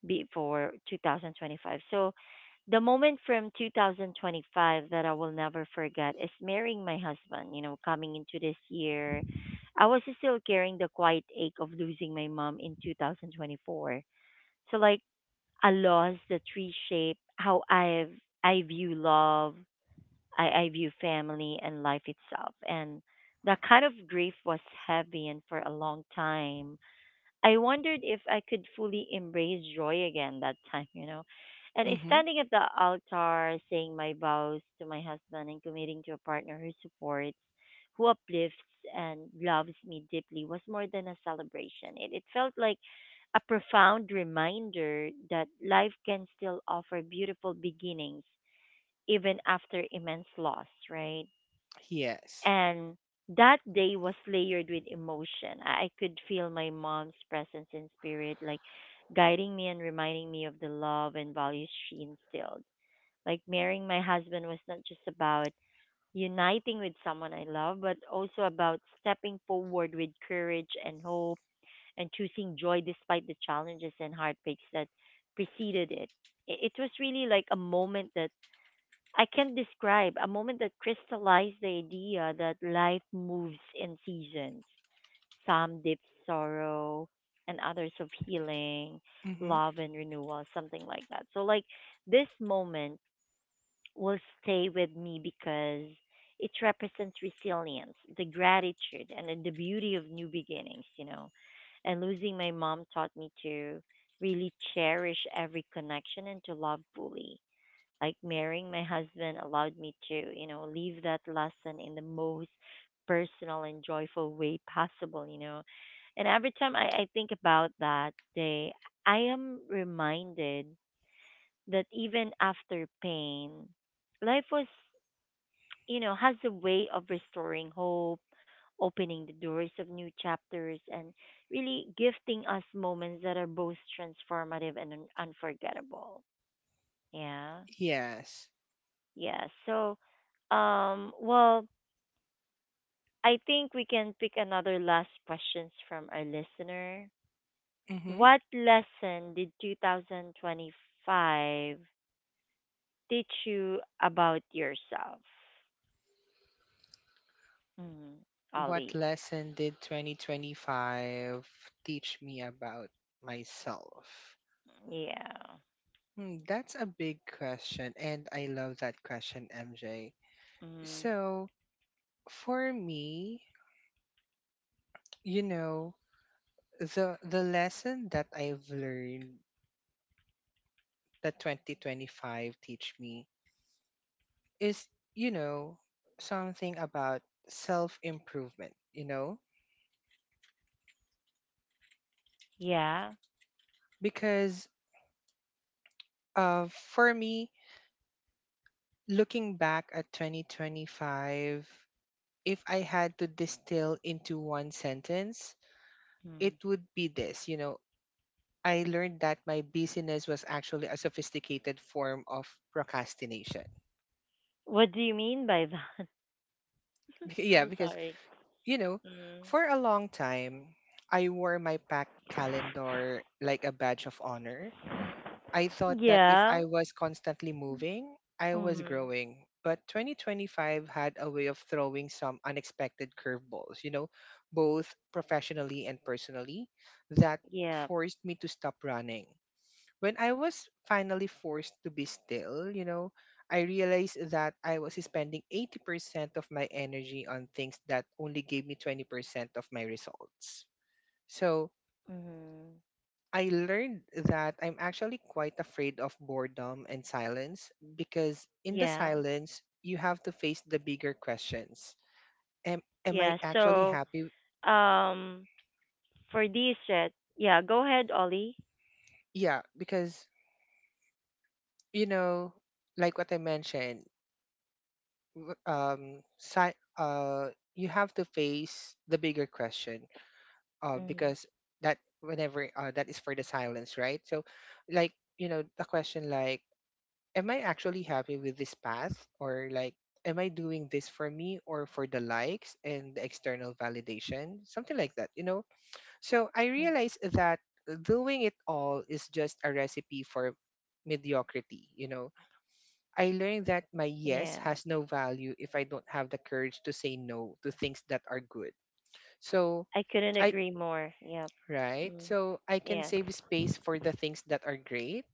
Speaker 1: before twenty twenty-five. So the moment from twenty twenty-five that I will never forget is marrying my husband. You know, coming into this year, I was still carrying the quiet ache of losing my mom in twenty twenty-four. So like a loss that's reshaped how I've I view love, I, I view family and life itself. And that kind of grief was heavy and for a long time I wondered if I could fully embrace joy again that time, you know. And it's
Speaker 2: Mhm.
Speaker 1: standing at the altar, saying my vows to my husband and committing to a partner who supports, who uplifts, and loves me deeply was more than a celebration. It, it felt like a profound reminder that life can still offer beautiful beginnings even after immense loss, right?
Speaker 2: Yes.
Speaker 1: And that day was layered with emotion. I I could feel my mom's presence and spirit, like guiding me and reminding me of the love and values she instilled. Like marrying my husband was not just about uniting with someone I love, but also about stepping forward with courage and hope and choosing joy despite the challenges and heartbreaks that preceded it. I- It was really like a moment that I can't describe a moment that crystallized the idea that life moves in seasons. Some deep sorrow and others of healing,
Speaker 2: Mhm.
Speaker 1: love and renewal, something like that. So like this moment will stay with me because it represents resilience, the gratitude and the beauty of new beginnings, you know. And losing my mom taught me to really cherish every connection and to love fully like marrying my husband allowed me to, you know, leave that lesson in the most personal and joyful way possible, you know. And every time I, I think about that day, I am reminded that even after pain, life was, you know, has a way of restoring hope, opening the doors of new chapters, and really gifting us moments that are both transformative and un- unforgettable. Yeah.
Speaker 2: Yes.
Speaker 1: Yeah. So, um, well, I think we can pick another last questions from our listener.
Speaker 2: Mhm.
Speaker 1: What lesson did twenty twenty-five teach you about yourself? Mm,
Speaker 2: What
Speaker 1: Ollie.
Speaker 2: lesson did twenty twenty-five teach me about myself?
Speaker 1: Yeah.
Speaker 2: Hmm, that's a big question, and I love that question, M J.
Speaker 1: Mm,
Speaker 2: So for me, you know, the the lesson that I've learned that twenty twenty-five teach me is, you know, something about self-improvement, you know,
Speaker 1: yeah.
Speaker 2: because uh, for me, looking back at twenty twenty-five, if I had to distill into one sentence, it
Speaker 1: Mm.
Speaker 2: would be this: you know, I learned that my busyness was actually a sophisticated form of procrastination.
Speaker 1: What do you mean by that?
Speaker 2: *laughs*
Speaker 1: *laughs*
Speaker 2: Yeah,
Speaker 1: I'm
Speaker 2: because,
Speaker 1: sorry.
Speaker 2: you know,
Speaker 1: Mm.
Speaker 2: for a long time, I wore my packed calendar like a badge of honor. I thought that if
Speaker 1: Yeah.
Speaker 2: I was constantly moving, I was
Speaker 1: Mm.
Speaker 2: growing. But twenty twenty-five had a way of throwing some unexpected curveballs, you know, both professionally and personally, that
Speaker 1: Yeah.
Speaker 2: forced me to stop running. When I was finally forced to be still, you know, I realized that I was spending eighty percent of my energy on things that only gave me twenty percent of my results. So
Speaker 1: Mm.
Speaker 2: I learned that I'm actually quite afraid of boredom and silence because in the
Speaker 1: Yeah.
Speaker 2: silence, you have to face the bigger questions. Am, am I
Speaker 1: Yeah.
Speaker 2: actually
Speaker 1: So,
Speaker 2: happy?
Speaker 1: um, for these set, yeah, go ahead, Ollie.
Speaker 2: Yeah, because, you know, like what I mentioned, w- um si- uh you have to face the bigger question uh
Speaker 1: Mm,
Speaker 2: because that whenever uh that is for the silence, right. So like you know the question, like, am I actually happy with this path? Or, like, am I doing this for me or for the likes and the external validation, something like that you know so I
Speaker 1: mm,
Speaker 2: realize that doing it all is just a recipe for mediocrity you know I learned that my yes
Speaker 1: yeah,
Speaker 2: has no value if I don't have the courage to say no to things that are good. So
Speaker 1: I couldn't
Speaker 2: I
Speaker 1: agree more. Yep.
Speaker 2: right.
Speaker 1: Mm,
Speaker 2: So I can
Speaker 1: yes.
Speaker 2: save space for the things that are great.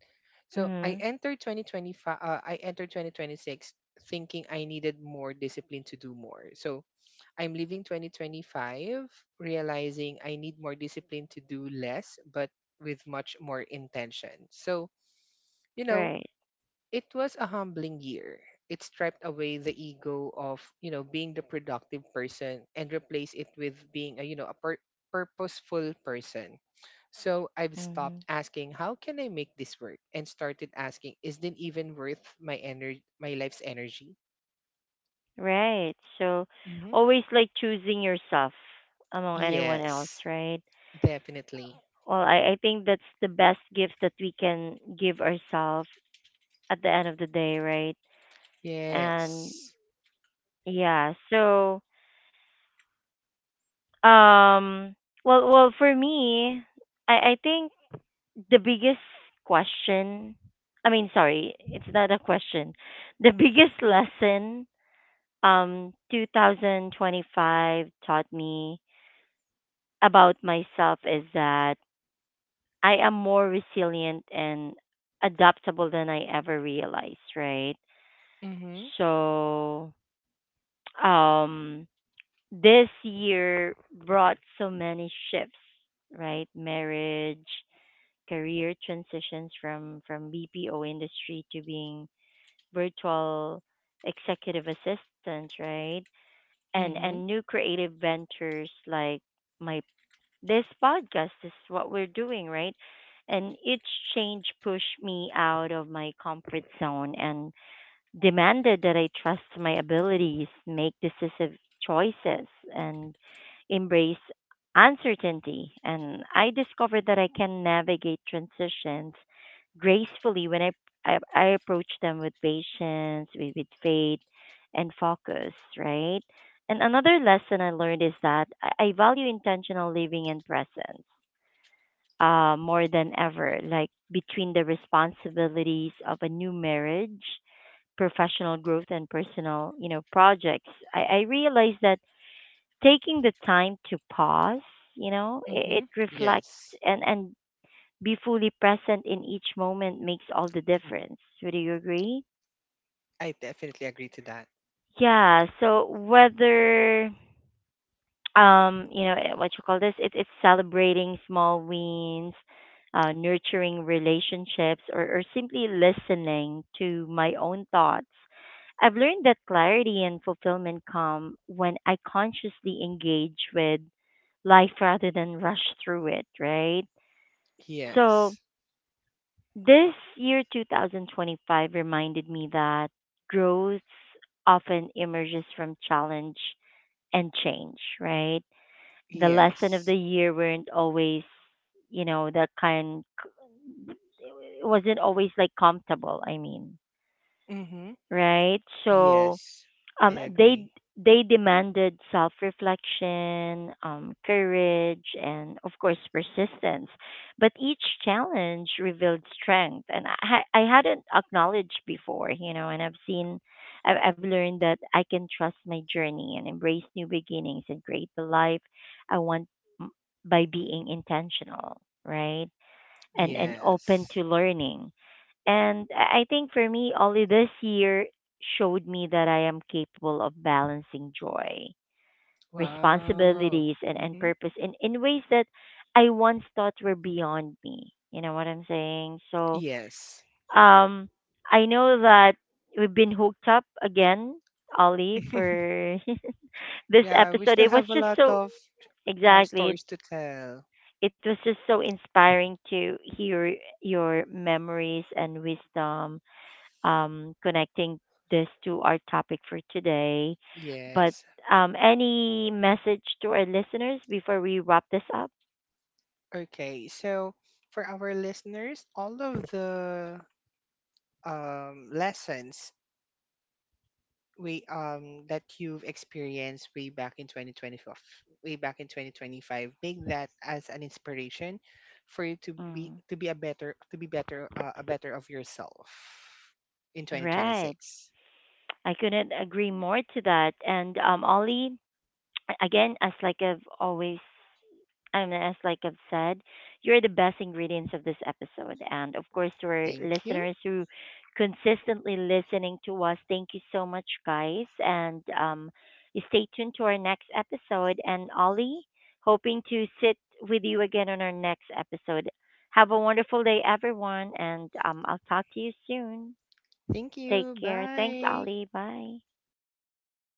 Speaker 2: So I
Speaker 1: Mm,
Speaker 2: entered twenty twenty-five, uh, I entered twenty twenty-six thinking I needed more discipline to do more. So I'm leaving twenty twenty-five realizing I need more discipline to do less but with much more intention. So, you know,
Speaker 1: right.
Speaker 2: it was a humbling year. It stripped away the ego of, you know, being the productive person and replaced it with being a, you know, a pur- purposeful person. So I've
Speaker 1: Mm-hmm.
Speaker 2: stopped asking how can I make this work and started asking is it even worth my energy my life's energy?
Speaker 1: Right. So
Speaker 2: Hmm.
Speaker 1: always like choosing yourself among anyone else,
Speaker 2: Yes,
Speaker 1: right?
Speaker 2: definitely.
Speaker 1: Well, I, I think that's the best gift that we can give ourselves at the end of the day, right? And
Speaker 2: Yes.
Speaker 1: yeah, so um well well for me, I, I think the biggest question i mean sorry it's not a question the biggest lesson um twenty twenty-five taught me about myself is that I am more resilient and adaptable than I ever realized right
Speaker 2: Mm-hmm.
Speaker 1: so um this year brought so many shifts right marriage career transitions from from bpo industry to being virtual executive assistants, right? And and
Speaker 2: Mm-hmm.
Speaker 1: new creative ventures like my this podcast is what we're doing, right? And each change pushed me out of my comfort zone and demanded that I trust my abilities, make decisive choices, and embrace uncertainty. And I discovered that I can navigate transitions gracefully when I, I, I approach them with patience, with, with faith, and focus, right? And another lesson I learned is that I I value intentional living and presence uh, more than ever, like between the responsibilities of a new marriage professional growth and personal, you know, projects, I, I realized that taking the time to pause, you know, it,
Speaker 2: Mm-hmm.
Speaker 1: it reflects
Speaker 2: Yes.
Speaker 1: and, and be fully present in each moment makes all the difference. Would you agree?
Speaker 2: I definitely agree to that.
Speaker 1: Yeah. So whether um you know eh, what you call this it, it's celebrating small wins uh, nurturing relationships or, or simply listening to my own thoughts I've learned that clarity and fulfillment come when I consciously engage with life rather than rush through it right so
Speaker 2: Yes.
Speaker 1: this year twenty twenty-five reminded me that growth often emerges from challenge and change right the lesson of the
Speaker 2: Yes.
Speaker 1: year weren't always, you know, that kind, it wasn't always like comfortable, I mean,
Speaker 2: Mm-hmm.
Speaker 1: right? So,
Speaker 2: Yes, I
Speaker 1: um they
Speaker 2: agree.
Speaker 1: they demanded self-reflection, um, courage, and of course persistence. But each challenge revealed strength, and I ha- I hadn't acknowledged before, you know. And I've seen, I've, I've learned that I can trust my journey and embrace new beginnings and create the life I want m- by being intentional, right? And and open
Speaker 2: Yes.
Speaker 1: to learning and I I think for me, only this year showed me that I am capable of balancing joy,
Speaker 2: Wow.
Speaker 1: responsibilities, and, and
Speaker 2: Hmm.
Speaker 1: purpose in, in ways that I once thought were beyond me. You know what I'm saying? So
Speaker 2: Yes.
Speaker 1: um, I know that we've been hooked up again, Ollie,
Speaker 2: *laughs*
Speaker 1: for *laughs* this
Speaker 2: Yeah, we
Speaker 1: episode.
Speaker 2: still
Speaker 1: It was
Speaker 2: have a
Speaker 1: just
Speaker 2: lot
Speaker 1: so,
Speaker 2: of uh,
Speaker 1: exactly. It,
Speaker 2: stories to tell.
Speaker 1: it was just so inspiring to hear your memories and wisdom um, connecting this to our topic for today. But
Speaker 2: Yes.
Speaker 1: um, any message to our listeners before we wrap this up?
Speaker 2: Okay. So for our listeners, all of the um, lessons way um that you've experienced way back in twenty twenty-five, way back in twenty twenty-five, make that as an inspiration for you to be
Speaker 1: Mm,
Speaker 2: to be a better to be better uh, a better of yourself in
Speaker 1: right.
Speaker 2: twenty twenty-six.
Speaker 1: I couldn't agree more to that. And um, Ollie, again, as like I've always, I mean, as like I've said, you're the best ingredients of this episode. And of course, to our
Speaker 2: Thank you,
Speaker 1: listeners who consistently listening to us, thank you so much, guys. And um, you stay tuned to our next episode. And Ollie, hoping to sit with you again on our next episode. Have a wonderful day, everyone. And um, I'll talk to you soon.
Speaker 2: thank
Speaker 1: Take
Speaker 2: you.
Speaker 1: care. Thanks,
Speaker 2: Bye.
Speaker 1: Ollie. Bye.